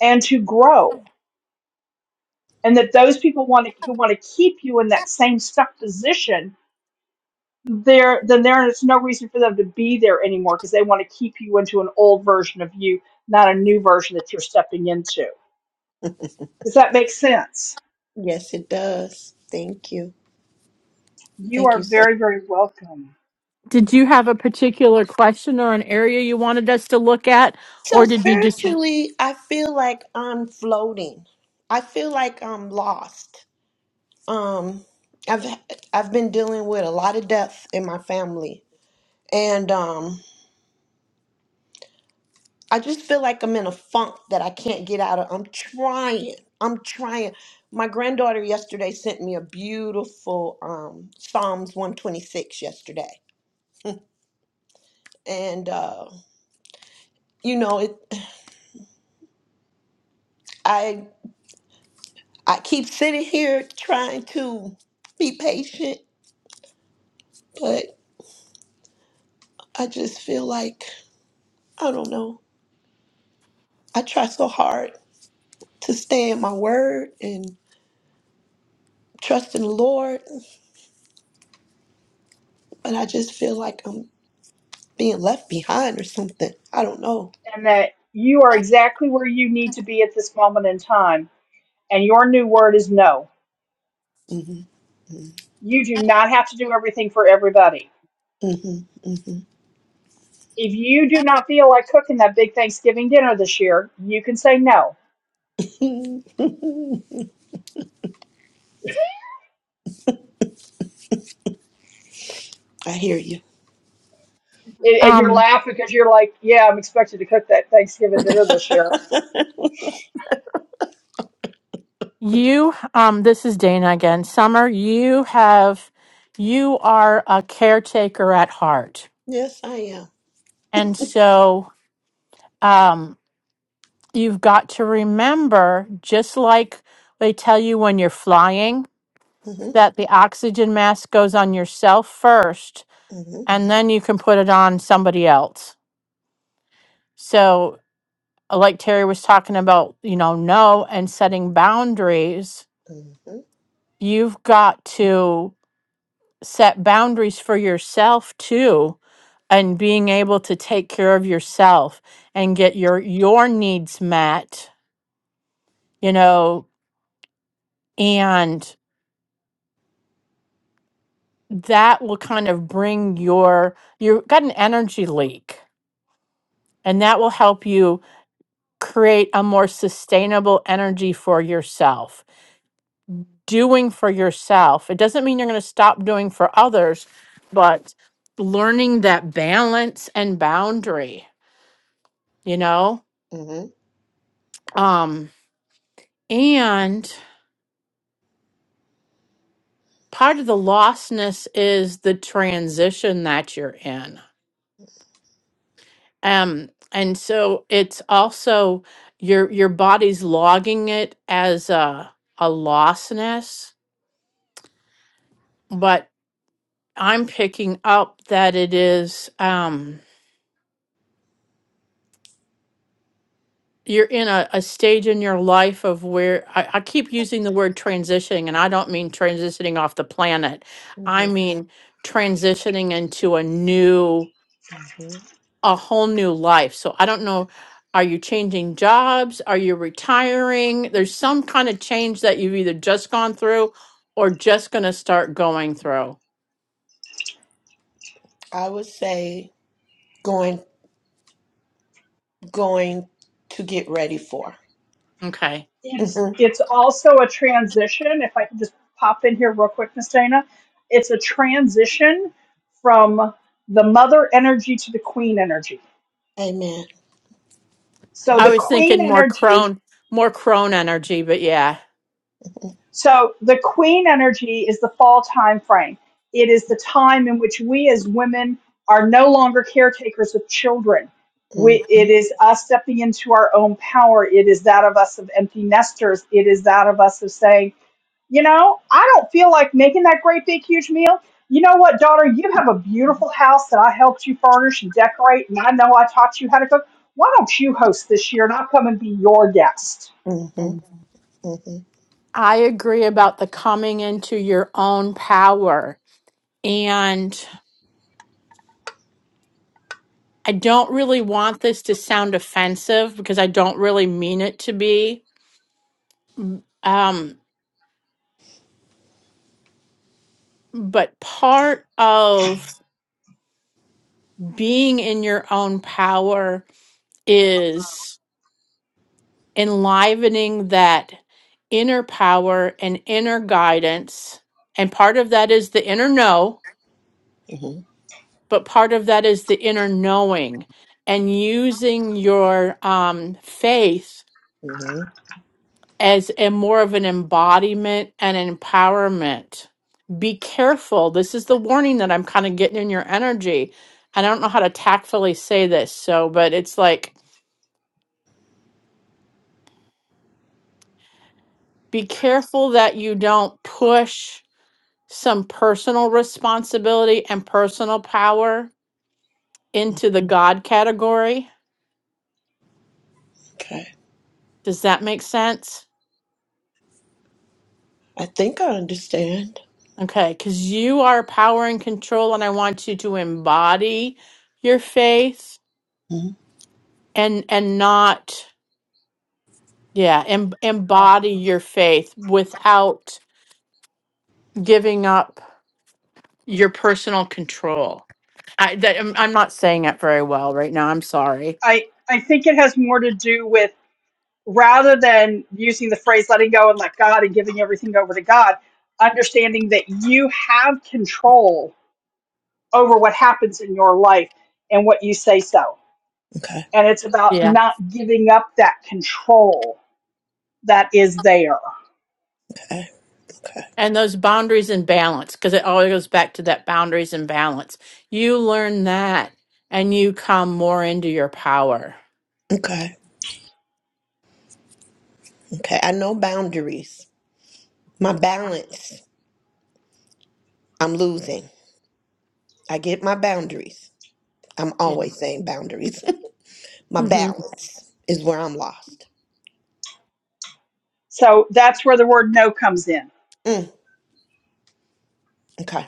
S2: and to grow and that those people want to who want to keep you in that same stuck position there then there's no reason for them to be there anymore because they want to keep you into an old version of you not a new version that you're stepping into does that make sense
S8: yes, it does. Thank you.
S2: you
S8: Thank
S2: are
S8: you so
S2: very very welcome
S1: Did you have a particular question or an area you wanted us to look at,
S8: So
S1: or did you just
S8: spiritually, I feel like I'm floating. I feel like I'm lost. Um I've I've been dealing with a lot of death in my family. And um I just feel like I'm in a funk that I can't get out of. I'm trying. I'm trying. My granddaughter yesterday sent me a beautiful um, Psalms 126 yesterday, and uh, you know, it. I I keep sitting here trying to be patient, but I just feel like I don't know. I try so hard to stay in my word and trust in the Lord, but I just feel like I'm being left behind or something. I don't know.
S2: and that you are exactly where you need to be at this moment in time and your new word is no
S8: Mm-hmm.
S2: you do not have to do everything for everybody
S8: hmm
S2: if you do not feel like cooking that big Thanksgiving dinner this year, you can say no.
S8: hmm I hear you.
S2: and, and you're
S1: um
S2: laughing because you're like, yeah, I'm expected to cook that Thanksgiving dinner this year.
S1: you um this is Dana again. Summer, you have you are a caretaker at heart.
S8: Yes, I am.
S1: And so um, you've got to remember, just like they tell you when you're flying,
S8: hmm
S1: that the oxygen mask goes on yourself first,
S8: hmm
S1: and then you can put it on somebody else. So, uh, like Terry was talking about, you know, no and setting boundaries,
S8: hmm
S1: you've got to set boundaries for yourself too and being able to take care of yourself and get your your needs met you know and that will kind of bring your you've got an energy leak and that will help you create a more sustainable energy for yourself doing for yourself it doesn't mean you're going to stop doing for others but learning that balance and boundary you know
S8: hmm
S1: um and part of the lostness is the transition that you're in Um, and so it's also your your body's logging it as a a lostness, but I'm picking up that it is um you're in a, a stage in your life of where I, I keep using the word transitioning and I don't mean transitioning off the planet.
S8: hmm
S1: I mean transitioning into a new
S8: hmm
S1: a whole new life. So I don't know. Are you changing jobs? Are you retiring? There's some kind of change that you've either just gone through or just going to start going through.
S8: I would say going going to get ready for.
S1: Okay.
S2: It's
S8: hmm
S2: it's also a transition. If I can just pop in here real quick, Miss Dana, it's a transition from the mother energy to the queen energy.
S8: Amen.
S2: So
S8: hmm
S1: I
S2: the
S1: was
S2: queen
S1: thinking more
S2: energy
S1: crone, more crone energy, but yeah.
S2: So the queen energy is the fall time frame. It is the time in which we as women are no longer caretakers of children.
S8: hmm
S2: We, it is us stepping into our own power. It is that of us of empty nesters. It is that of us of saying, you know, I don't feel like making that great big huge meal. You know what, daughter? You have a beautiful house that I helped you furnish and decorate, and I know I taught you how to cook. Why don't you host this year and I'll come and be your guest?
S8: hmm hmm
S1: I agree about the coming into your own power. And I don't really want this to sound offensive because I don't really mean it to be. Um, but part of being in your own power is enlivening that inner power and inner guidance. And part of that is the inner know, but part of that is the inner knowing and using your um, faith
S8: hmm
S1: as a more of an embodiment and empowerment. Be careful. This is the warning that I'm kind of getting in your energy. And I don't know how to tactfully say this, so, but it's like be careful that you don't push some personal responsibility and personal power into the God category.
S8: Okay.
S1: Does that make sense?
S8: I think I understand.
S1: Okay, because you are power and control, and I want you to embody your faith
S8: Mhm.
S1: and and not yeah em-
S2: Ah,
S1: embody your faith without giving up your personal control. I that, I'm I'm not saying it very well right now. I'm sorry.
S2: I I think it has more to do with rather than using the phrase letting go and let God and giving everything over to God, understanding that you have control over what happens in your life and what you say so.
S8: Okay.
S2: And it's about
S1: Yeah.
S2: not giving up that control that is there.
S8: Okay. Okay.
S1: And those boundaries and balance, because it always goes back to that boundaries and balance. You learn that and you come more into your power.
S8: Okay. Okay. I know boundaries. My balance. I'm losing. I get my boundaries. I'm
S1: Yeah.
S8: always saying boundaries. my
S1: hmm
S8: balance is where I'm lost.
S2: So that's where the word no comes in
S8: Mm, okay,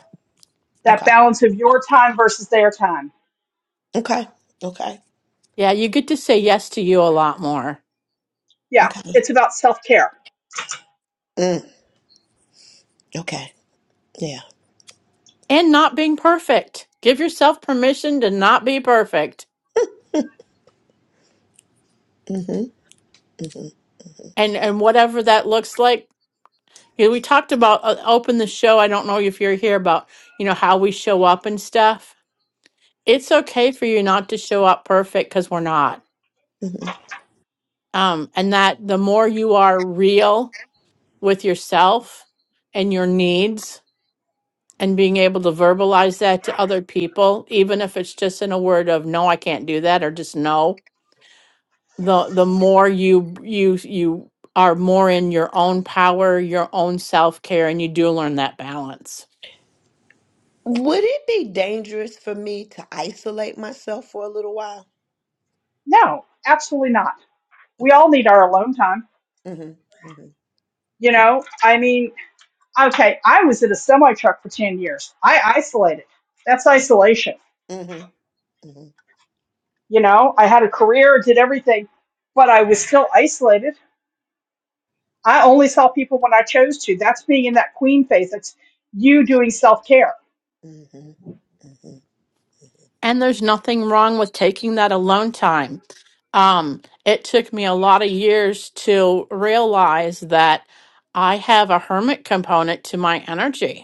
S2: that
S8: okay,
S2: balance of your time versus their time.
S8: okay, okay,
S1: Yeah, you get to say yes to you a lot more
S2: Yeah,
S8: okay,
S2: it's about self care.
S8: mm, okay, yeah.
S1: and not being perfect. Give yourself permission to not be perfect.
S8: Mm-hmm, mm-hmm,
S1: And, and whatever that looks like, you know, we talked about uh, open the show. I don't know if you're here about, you know, how we show up and stuff. It's okay for you not to show up perfect because we're not
S8: mm-hmm.
S1: um, and that the more you are real with yourself and your needs and being able to verbalize that to other people even if it's just in a word of no I can't do that or just no the the more you you you are more in your own power your own self-care and you do learn that balance
S8: Would it be dangerous for me to isolate myself for a little while?
S2: No, absolutely not. We
S8: Okay.
S2: all need our alone time.
S8: Mm-hmm, mm-hmm,
S2: You know, I mean, okay, I was in a semi truck for 10 years. I isolated. That's isolation.
S8: mm-hmm,
S2: You know, I had a career, did everything, but I was still isolated. I only saw people when I chose to. That's being in that queen phase. That's you doing self care.
S8: mm-hmm, mm-hmm, mm-hmm,
S1: and there's nothing wrong with taking that alone time um it took me a lot of years to realize that I have a hermit component to my energy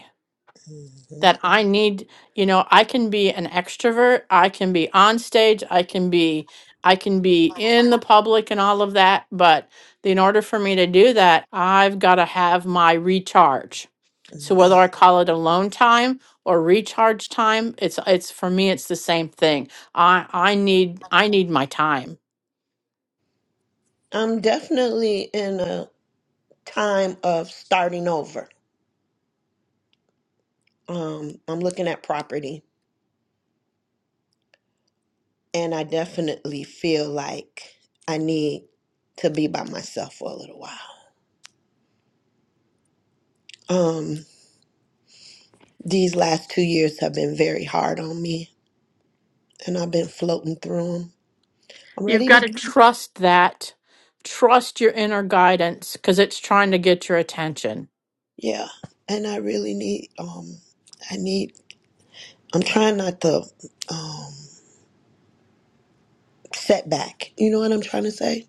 S8: mm-hmm.
S1: that I need, you know, I can be an extrovert, I can be on stage, I can be I can be in the public and all of that, but in order for me to do that, I've got to have my recharge. So whether I call it alone time or recharge time, it's it's for me it's the same thing. I I need I need my time.
S8: I'm definitely in a time of starting over. Um, I'm looking at property And I definitely feel like I need to be by myself for a little while. Um, these last two years have been very hard on me, and I've been floating through them. I'm
S1: You've
S8: ready
S1: got
S8: to,
S1: to trust that trust your inner guidance cuz it's trying to get your attention
S8: yeah. And I really need, um, I need. I'm trying not to um, set back. You know what I'm trying to say?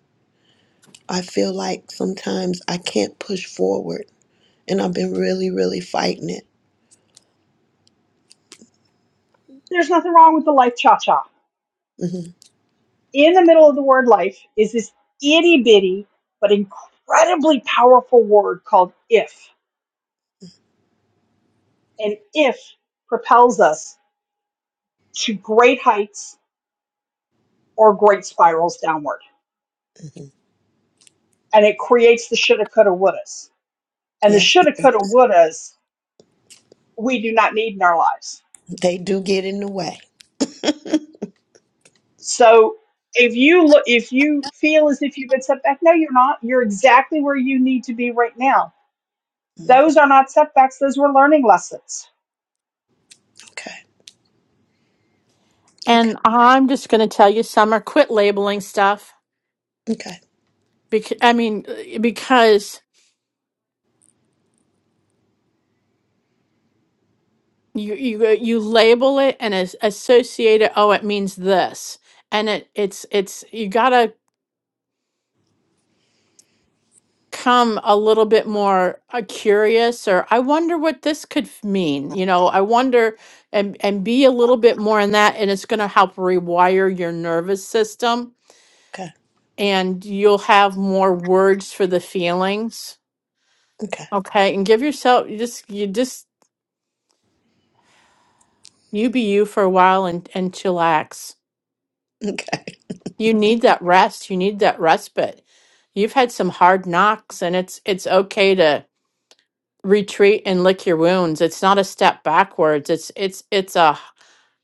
S8: I feel like sometimes I can't push forward, and I've been really, really fighting it.
S2: There's nothing wrong with the life cha cha.
S8: hmm
S2: In the middle of the word life is this itty bitty, but incredibly powerful word called if. And if propels us to great heights or great spirals downward
S8: hmm
S2: and it creates the shoulda, coulda, wouldas. And the
S8: Yes,
S2: shoulda, coulda, wouldas we do not need in our lives.
S8: they do get in the way.
S2: So if you look, if you feel as if you've been set back, no, you're not. You're exactly where you need to be right now.
S8: Mhm.
S2: Those are not setbacks; those were learning lessons.
S8: Okay, okay,
S1: And I'm just going to tell you, Summer, quit labeling stuff.
S8: okay.
S1: Because I mean, uh, because you you uh, you label it and as, associate it. Oh, it means this, and it it's it's you gotta come a little bit more uh, curious or I wonder what this could f- mean. You know, I wonder and and be a little bit more in that, and it's going to help rewire your nervous system,
S8: Okay,
S1: and you'll have more words for the feelings.
S8: okay,
S1: Okay, and give yourself you just you just You be you for a while and, and chillax.
S8: okay.
S1: You need that rest. You need that respite. You've had some hard knocks and it's it's okay to retreat and lick your wounds. It's not a step backwards. It's it's it's a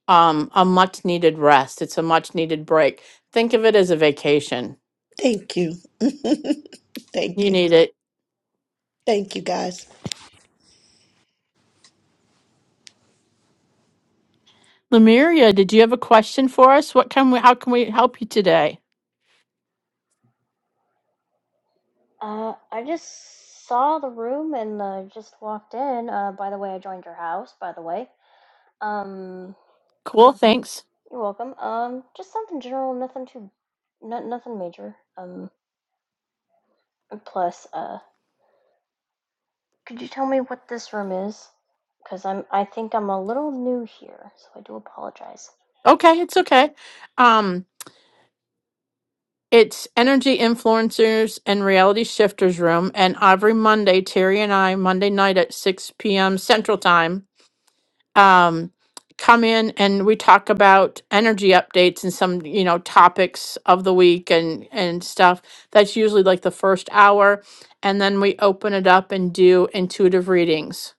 S1: um a much needed rest. It's a much needed break. Think of it as a vacation.
S8: Thank you. Thank
S1: You
S8: you.
S1: need it.
S8: Thank you, guys.
S1: Lemuria, did you have a question for us? What can we how can we help you today?
S9: Uh, I just saw the room and uh, just walked in. Uh, by the way, I joined your house. By the way, um,
S1: Cool, thanks.
S9: you're welcome. Um, just something general, nothing too, no, nothing major. Um, and plus, uh, could you tell me what this room is? Because I'm, I think I'm a little new here, so I do apologize.
S1: Okay, it's okay. Um It's Energy Influencers and Reality Shifters Room, and every Monday, Terry and I, Monday night at 6 p.m. Central Time, um, come in and we talk about energy updates and some, you know, topics of the week and and stuff. That's usually like the first hour, and then we open it up and do intuitive readings.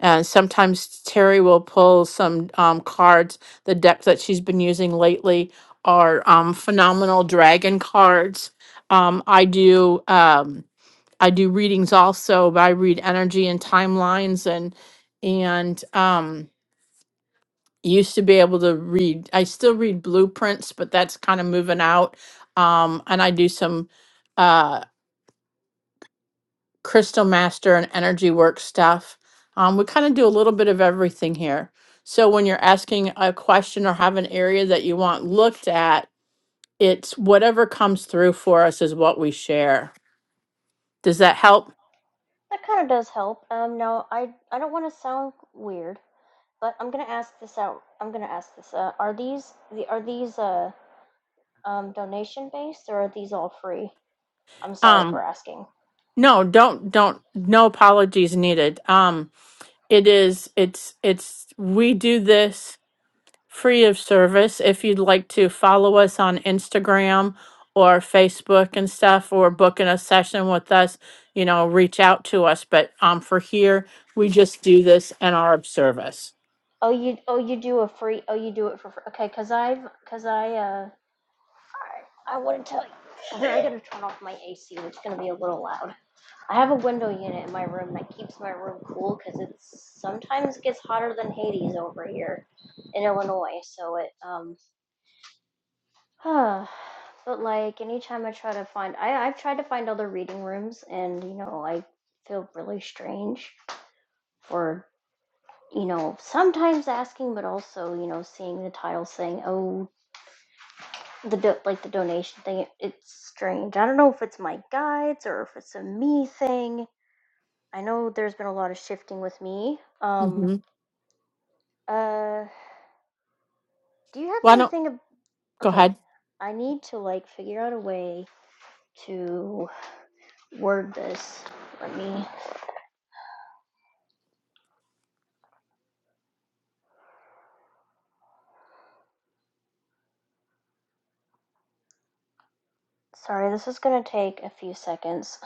S1: And sometimes Terry will pull some um, cards. The deck that she's been using lately are um, phenomenal dragon cards. Um, I do um, I do readings also. But I read energy and timelines and and um, used to be able to read. I still read blueprints, but that's kind of moving out. Um, and I do some. uh, Crystal Master and Energy Work stuff. Um, we kind of do a little bit of everything here. So when you're asking a question or have an area that you want looked at, it's whatever comes through for us is what we share. Does that help?
S9: That kind of does help. Um, now I, I don't want to sound weird, but I'm gonna ask this out. I'm gonna ask this. Uh, are these the are these uh Um, donation based, or are these all free? I'm sorry for
S1: Um,
S9: asking.
S1: no, don't don't no apologies needed. Um, it is it's it's we do this free of service. If you'd like to follow us on Instagram or Facebook and stuff, or booking a session with us, you know, reach out to us. But um, for here, we just do this and are of service.
S9: Oh, you oh you do a free oh you do it for free. Okay, cause I've cause I uh all right, I want to tell you here I gotta turn off my AC, which is gonna be a little loud. I have a window unit in my room that keeps my room cool because it sometimes gets hotter than Hades over here in Illinois. So it um Huh. but like anytime I try to find I I've tried to find other reading rooms and you know I feel really strange for. you know, sometimes asking, but also, you know, seeing the title saying, oh, the do- like the donation thing, it, it's strange. I don't know if it's my guides or if it's a me thing. I know there's been a lot of shifting with me. Um,
S1: hmm
S9: uh, do you have
S1: Why don't
S9: anything? ab-
S1: go
S9: Okay,
S1: ahead?
S9: I need to like figure out a way to word this. Let me. Sorry, this is gonna take a few seconds.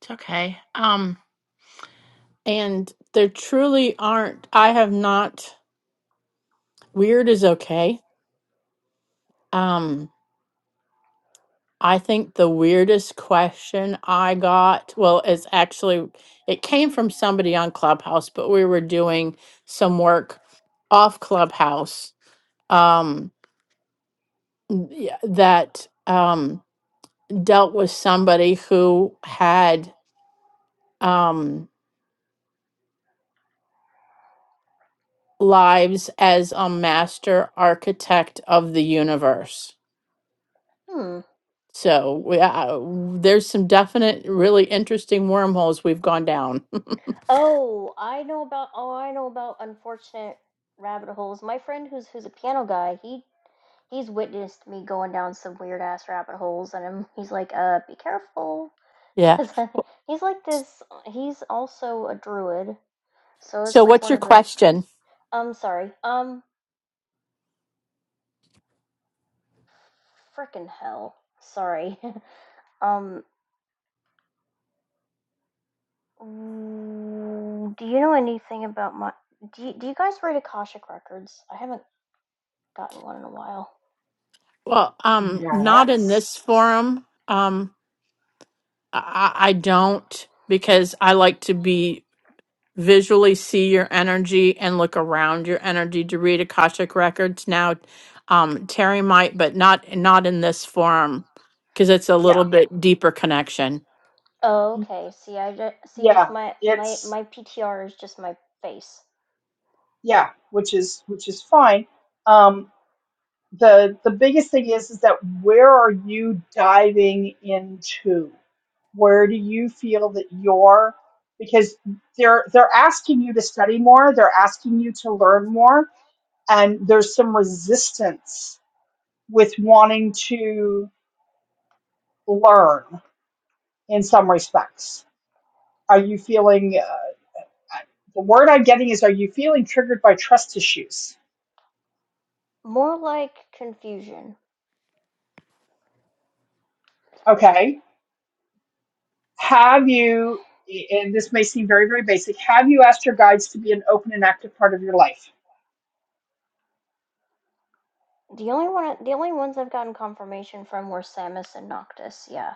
S1: It's okay. Um, and there truly aren't. I have not. Weird is okay. Um, I think the weirdest question I got, well, it's actually, it came from somebody on Clubhouse, but we were doing some work off Clubhouse um, yeah, that um, dealt with somebody who had um, lives as a master architect of the universe.
S9: Hmm.
S1: So we, uh, there's some definite, really interesting wormholes we've gone down.
S9: Oh, I know about oh, I know about unfortunate rabbit holes. My friend who's who's a piano guy, he he's witnessed me going down some weird ass rabbit holes and i he's like, "Uh, be careful."
S1: yeah.
S9: Cuz he's like this he's also a druid. So
S1: So,
S9: it's like
S1: what's
S9: one
S1: your
S9: of those
S1: question?
S9: I'm sorry. Um frickin' hell. Sorry. um mm, do you know anything about my do you, do you guys read Akashic records? I haven't gotten one in a while.
S1: Well, um, not in
S2: Yes.
S1: this forum. Um, I, I I don't because I like to be visually see your energy and look around your energy to read Akashic records. Now, um, Terry might, but not not in this forum because it's a
S2: Yeah,
S1: little bit deeper connection.
S9: Oh,
S1: Mhm.
S9: okay. See, I just, see just
S2: yeah,
S9: my my
S2: it's
S9: my PTR is just my face.
S2: yeah, which is which is fine. Um, the the biggest thing is is that where are you diving into where do you feel that you're because they're they're asking you to study more they're asking you to learn more and there's some resistance with wanting to learn in some respects are you feeling uh, the word i'm getting is are you feeling triggered by trust issues
S9: More like confusion.
S2: okay have you and this may seem very very basic have you asked your guides to be an open and active part of your life
S9: The only one the only ones I've gotten confirmation from were Samus and Noctis. Yeah.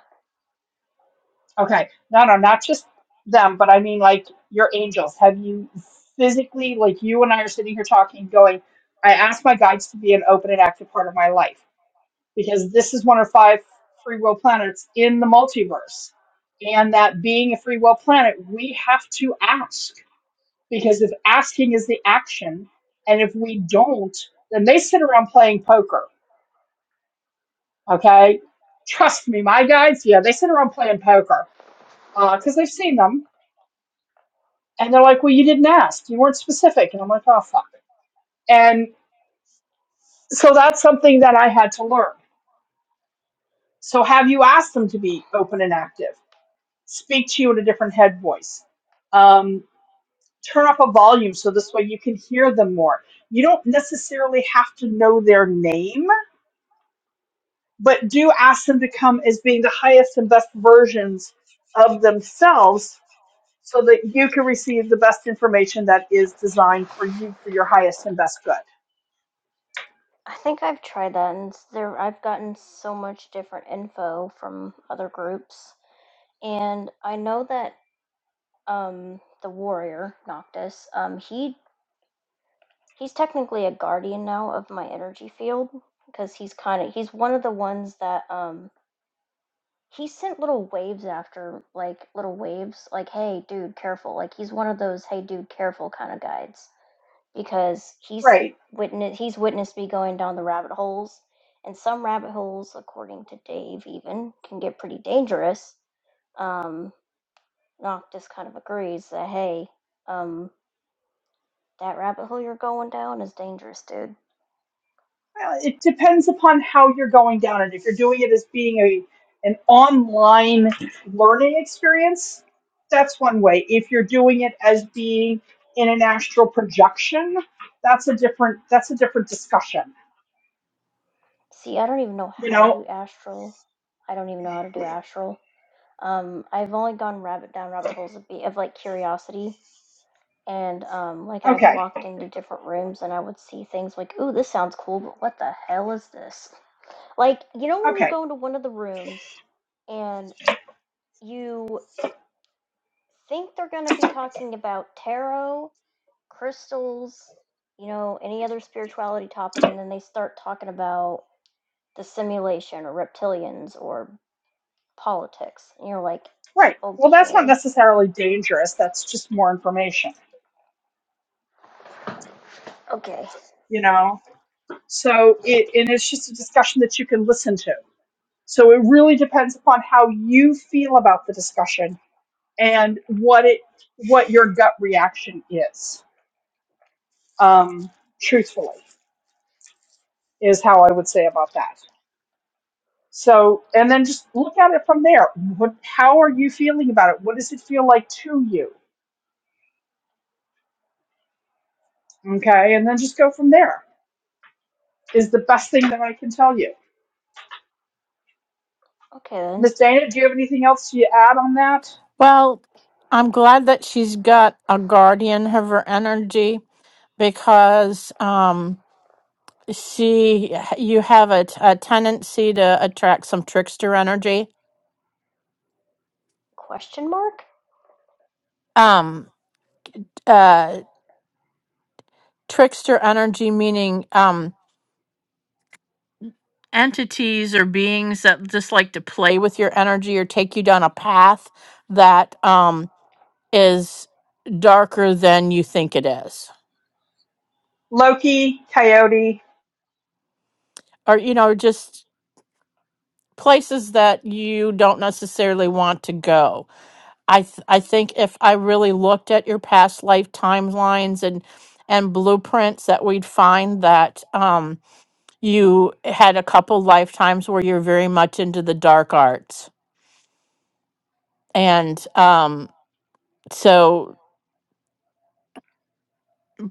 S2: okay no no not just them but i mean like your angels have you physically like you and i are sitting here talking going i asked my guides to be an open and active part of my life because this is one of five free will planets in the multiverse and that being a free will planet we have to ask because if asking is the action and if we don't then they sit around playing poker Okay. Trust me, my guys, yeah, they sit around playing poker because uh, they've seen them. And they're like, well, you didn't ask. You weren't specific. And I'm like, oh, fuck. And so that's something that I had to learn. So have you asked them to be open and active? Speak to you in a different head voice. Um, turn up a volume so this way you can hear them more. You don't necessarily have to know their name, but do ask them to come as being the highest and best versions of themselves so that you can receive the best information that is designed for you for your highest and best good.
S9: I think I've tried that and s- there I've gotten so much different info from other groups. And I know that um the warrior Noctis, um he he's technically a guardian now of my energy field because he's kind of he's one of the ones that um He sent little waves after like, little waves, like, "Hey, dude, careful." Like, he's one of those, "Hey, dude, careful" kinda guides because he's
S2: Right.
S9: witness he's witnessed me going down the rabbit holes, and some rabbit holes, according to Dave even, can get pretty dangerous. Um, Noctis kind of agrees that, "Hey, um, that rabbit hole you're going down is dangerous, dude."
S2: Well, it depends upon how you're going down it. If you're doing it as being a an online learning experience, that's one way. If you're doing it as being in an astral projection, that's a different that's a different discussion.
S9: See, I don't even know
S2: You
S9: how to
S2: know,
S9: do astral. I don't even know how to do astral. Um, I've only gone rabbit down rabbit holes of, be- of like curiosity, and um, like I've
S2: okay.
S9: walked into different rooms and I would see things like, "Ooh, this sounds cool, but what the hell is this?" Like you know when you
S2: Okay.
S9: go into one of the rooms and you think they're going to be talking about tarot, crystals, you know, any other spirituality topic, and then they start talking about the simulation or reptilians or politics, and you're like,
S2: Right. Well, that's not
S9: "Okay,
S2: necessarily dangerous. That's just more information,
S9: okay,
S2: you know. So it and it's just a discussion that you can listen to. So it really depends upon how you feel about the discussion and what it what your gut reaction is. Um, truthfully, is how I would say about that. So and then just look at it from there. What how are you feeling about it? What does it feel like to you? Okay, and then just go from there. Is the best thing that I can tell you.
S9: okay then."
S2: Miss Dana, do you have anything else to add on that?
S1: Well, I'm glad that she's got a guardian of her energy because um, she, you have a, t- a tendency to attract some trickster energy.
S9: Question mark?
S1: Um, uh, trickster energy meaning um, entities or beings that just like to play with your energy or take you down a path that um is darker than you think it is
S2: Loki, Coyote,
S1: or you know just places that you don't necessarily want to go i th- i think if i really looked at your past life timelines and and blueprints that we'd find that um you had a couple lifetimes where you're very much into the dark arts and um so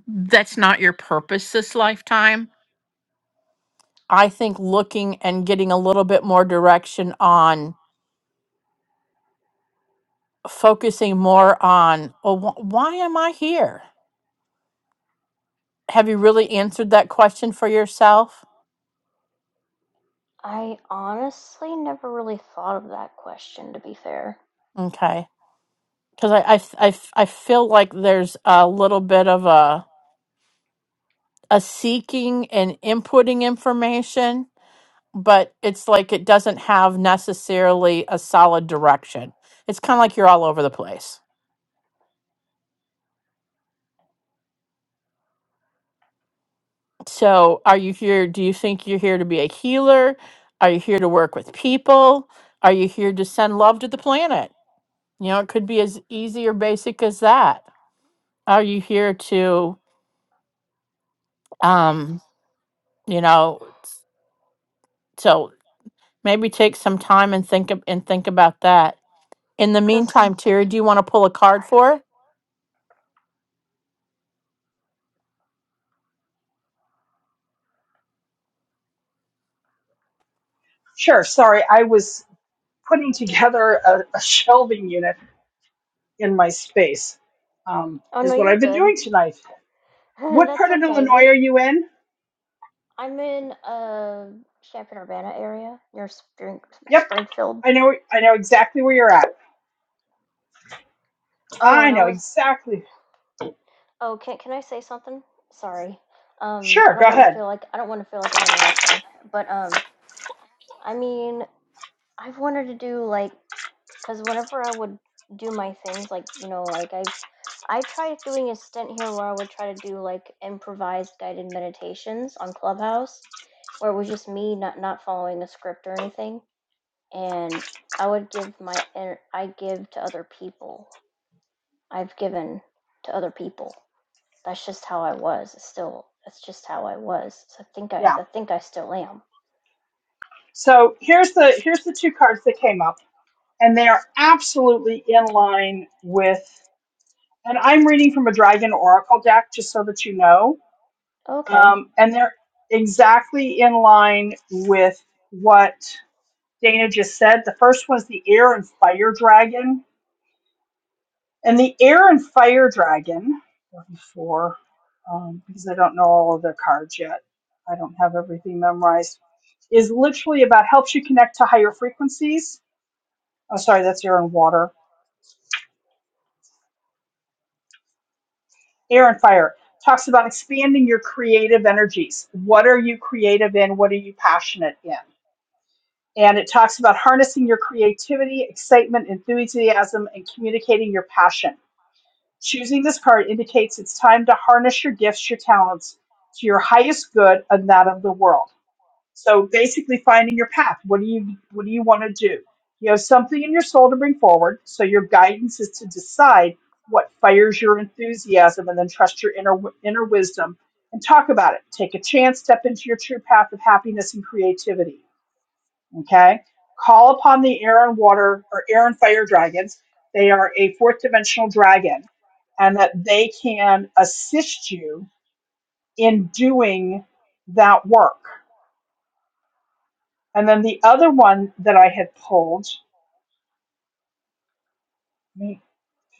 S1: that's not your purpose this lifetime. I think looking and getting a little bit more direction on focusing more on, oh, wh- why am I here? Have you really answered that question for yourself?
S9: I honestly never really thought of that question, to be fair.
S1: Okay. Because I, I, f- I, f- I feel like there's a little bit of a, a seeking and inputting information, but it's like it doesn't have necessarily a solid direction. It's kind of like you're all over the place. So, are you here? Do you think you're here to be a healer? Are you here to work with people? Are you here to send love to the planet? You know, it could be as easy or basic as that. Are you here to, um, you know, s- so maybe take some time and think ab- and think about that. In the
S9: Because,
S1: meantime,
S9: the,
S1: Terry, do you want to pull a card
S9: sorry.
S1: for? her?
S2: Sure. Sorry, I was. putting together a, a shelving unit in my space um,
S9: Oh no,
S2: is what
S9: you're
S2: I've been
S9: good.
S2: doing tonight. What
S9: That's
S2: part of
S9: okay.
S2: Illinois
S9: We,
S2: are you in?
S9: I'm in uh Champaign Urbana area near Spring,
S2: Yep,
S9: Springfield.
S2: I know. I know exactly where you're at.
S9: Oh,
S2: I
S9: and I
S2: know
S9: was.
S2: exactly.
S9: Oh, can can I say something? Sorry. Um, I
S2: Sure,
S9: don't
S2: go
S9: want to
S2: ahead.
S9: feel like I don't want to feel like I'm interrupting, but um, I mean, I've wanted to do like because whenever I would do my things, like you know, like I've I tried doing a stint here where I would try to do like improvised guided meditations on Clubhouse, where it was just me not not following a script or anything, and I would give my inner- I give to other people. I've given to other people. That's just how I was. It's still, that's just how I was. So I think I,
S2: Yeah.
S9: I think I still am.
S2: So here's the here's the two cards that came up, and they are absolutely in line with. And I'm reading from a Dragon Oracle deck, just so that you know.
S9: Okay.
S2: Um, and they're exactly in line with what Dana just said. The first one's the air and fire dragon. And the air and fire dragon, before, um, because I don't know all of their cards yet, I don't have everything memorized, is literally about helps you connect to higher frequencies. Oh, sorry, that's air and water. Air and fire talks about expanding your creative energies. What are you creative in? What are you passionate in? And it talks about harnessing your creativity, excitement, enthusiasm, and communicating your passion Choosing this card indicates it's time to harness your gifts, your talents to your highest good and that of the world. So basically finding your path. What do you what do you want to do? You have something in your soul to bring forward, so your guidance is to decide what fires your enthusiasm and then trust your inner inner wisdom and talk about it. Take a chance, step into your true path of happiness and creativity Okay. Call upon the air and water or air and fire dragons. They are a fourth dimensional dragon and that they can assist you in doing that work. And then the other one that I had pulled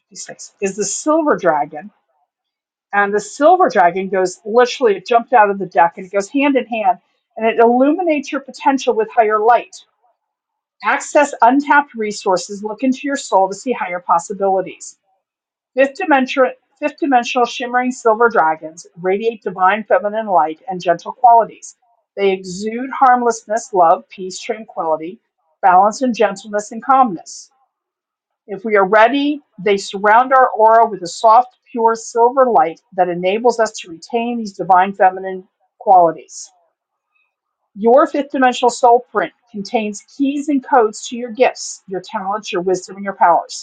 S2: 56, is the silver dragon. And the silver dragon goes literally, it jumped out of the deck and it goes hand in hand and it illuminates your potential with higher light. Access untapped resources, look into your soul to see higher possibilities Fifth dimensional, fifth dimensional shimmering silver dragons radiate divine feminine light and gentle qualities. They exude harmlessness, love, peace, tranquility, balance, and gentleness and calmness. If we are ready, they surround our aura with a soft, pure silver light that enables us to retain these divine feminine qualities. Your fifth dimensional soul print contains keys and codes to your gifts, your talents, your wisdom, and your powers.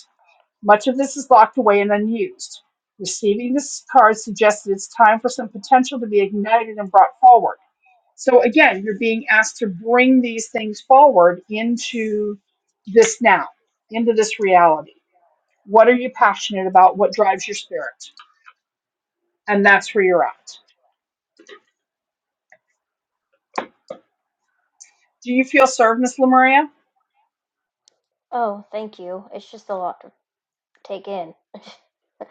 S2: Much of this is locked away and unused. Receiving this card suggests that it's time for some potential to be ignited and brought forward. So again, you're being asked to bring these things forward into this now, into this reality. What are you passionate about? What drives your spirit? And that's where you're at. Do you feel served, Miss Lemuria?
S9: Oh, thank you. It's just a lot to take in.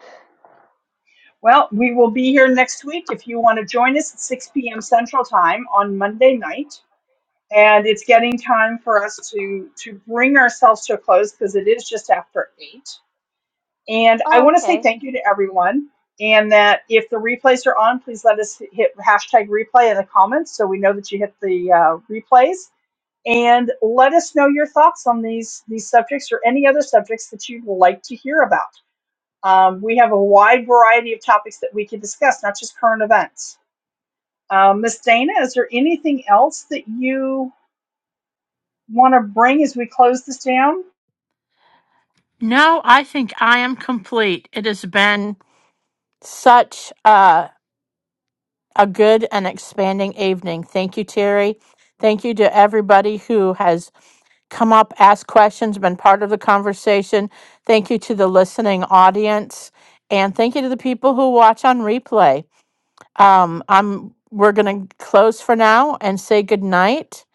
S2: Well, we will be here next week if you want to join us at 6 p.m. Central Time on Monday night and it's getting time for us to to bring ourselves to a close because it is just after eight and i
S9: Oh,
S2: want to say
S9: okay.
S2: thank you to everyone and that if the replays are on please let us hit hashtag replay in the comments so we know that you hit the uh, replays and let us know your thoughts on these these subjects or any other subjects that you'd like to hear about um, we have a wide variety of topics that we can discuss not just current events um, miss dana is there anything else that you want to bring as we close this down?
S1: No, I think I am complete. It has been such a, a good and expanding evening. Thank you, Terry. Thank you to everybody who has come up, asked questions, been part of the conversation. Thank you to the listening audience. And thank you to the people who watch on replay. Um, I'm we're gonna close for now and say good night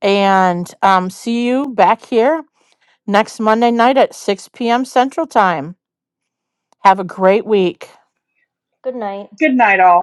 S1: and um, see you back here next Monday night at 6 p.m. Central Time. Have a great week.
S9: Good night.
S2: Good night, all.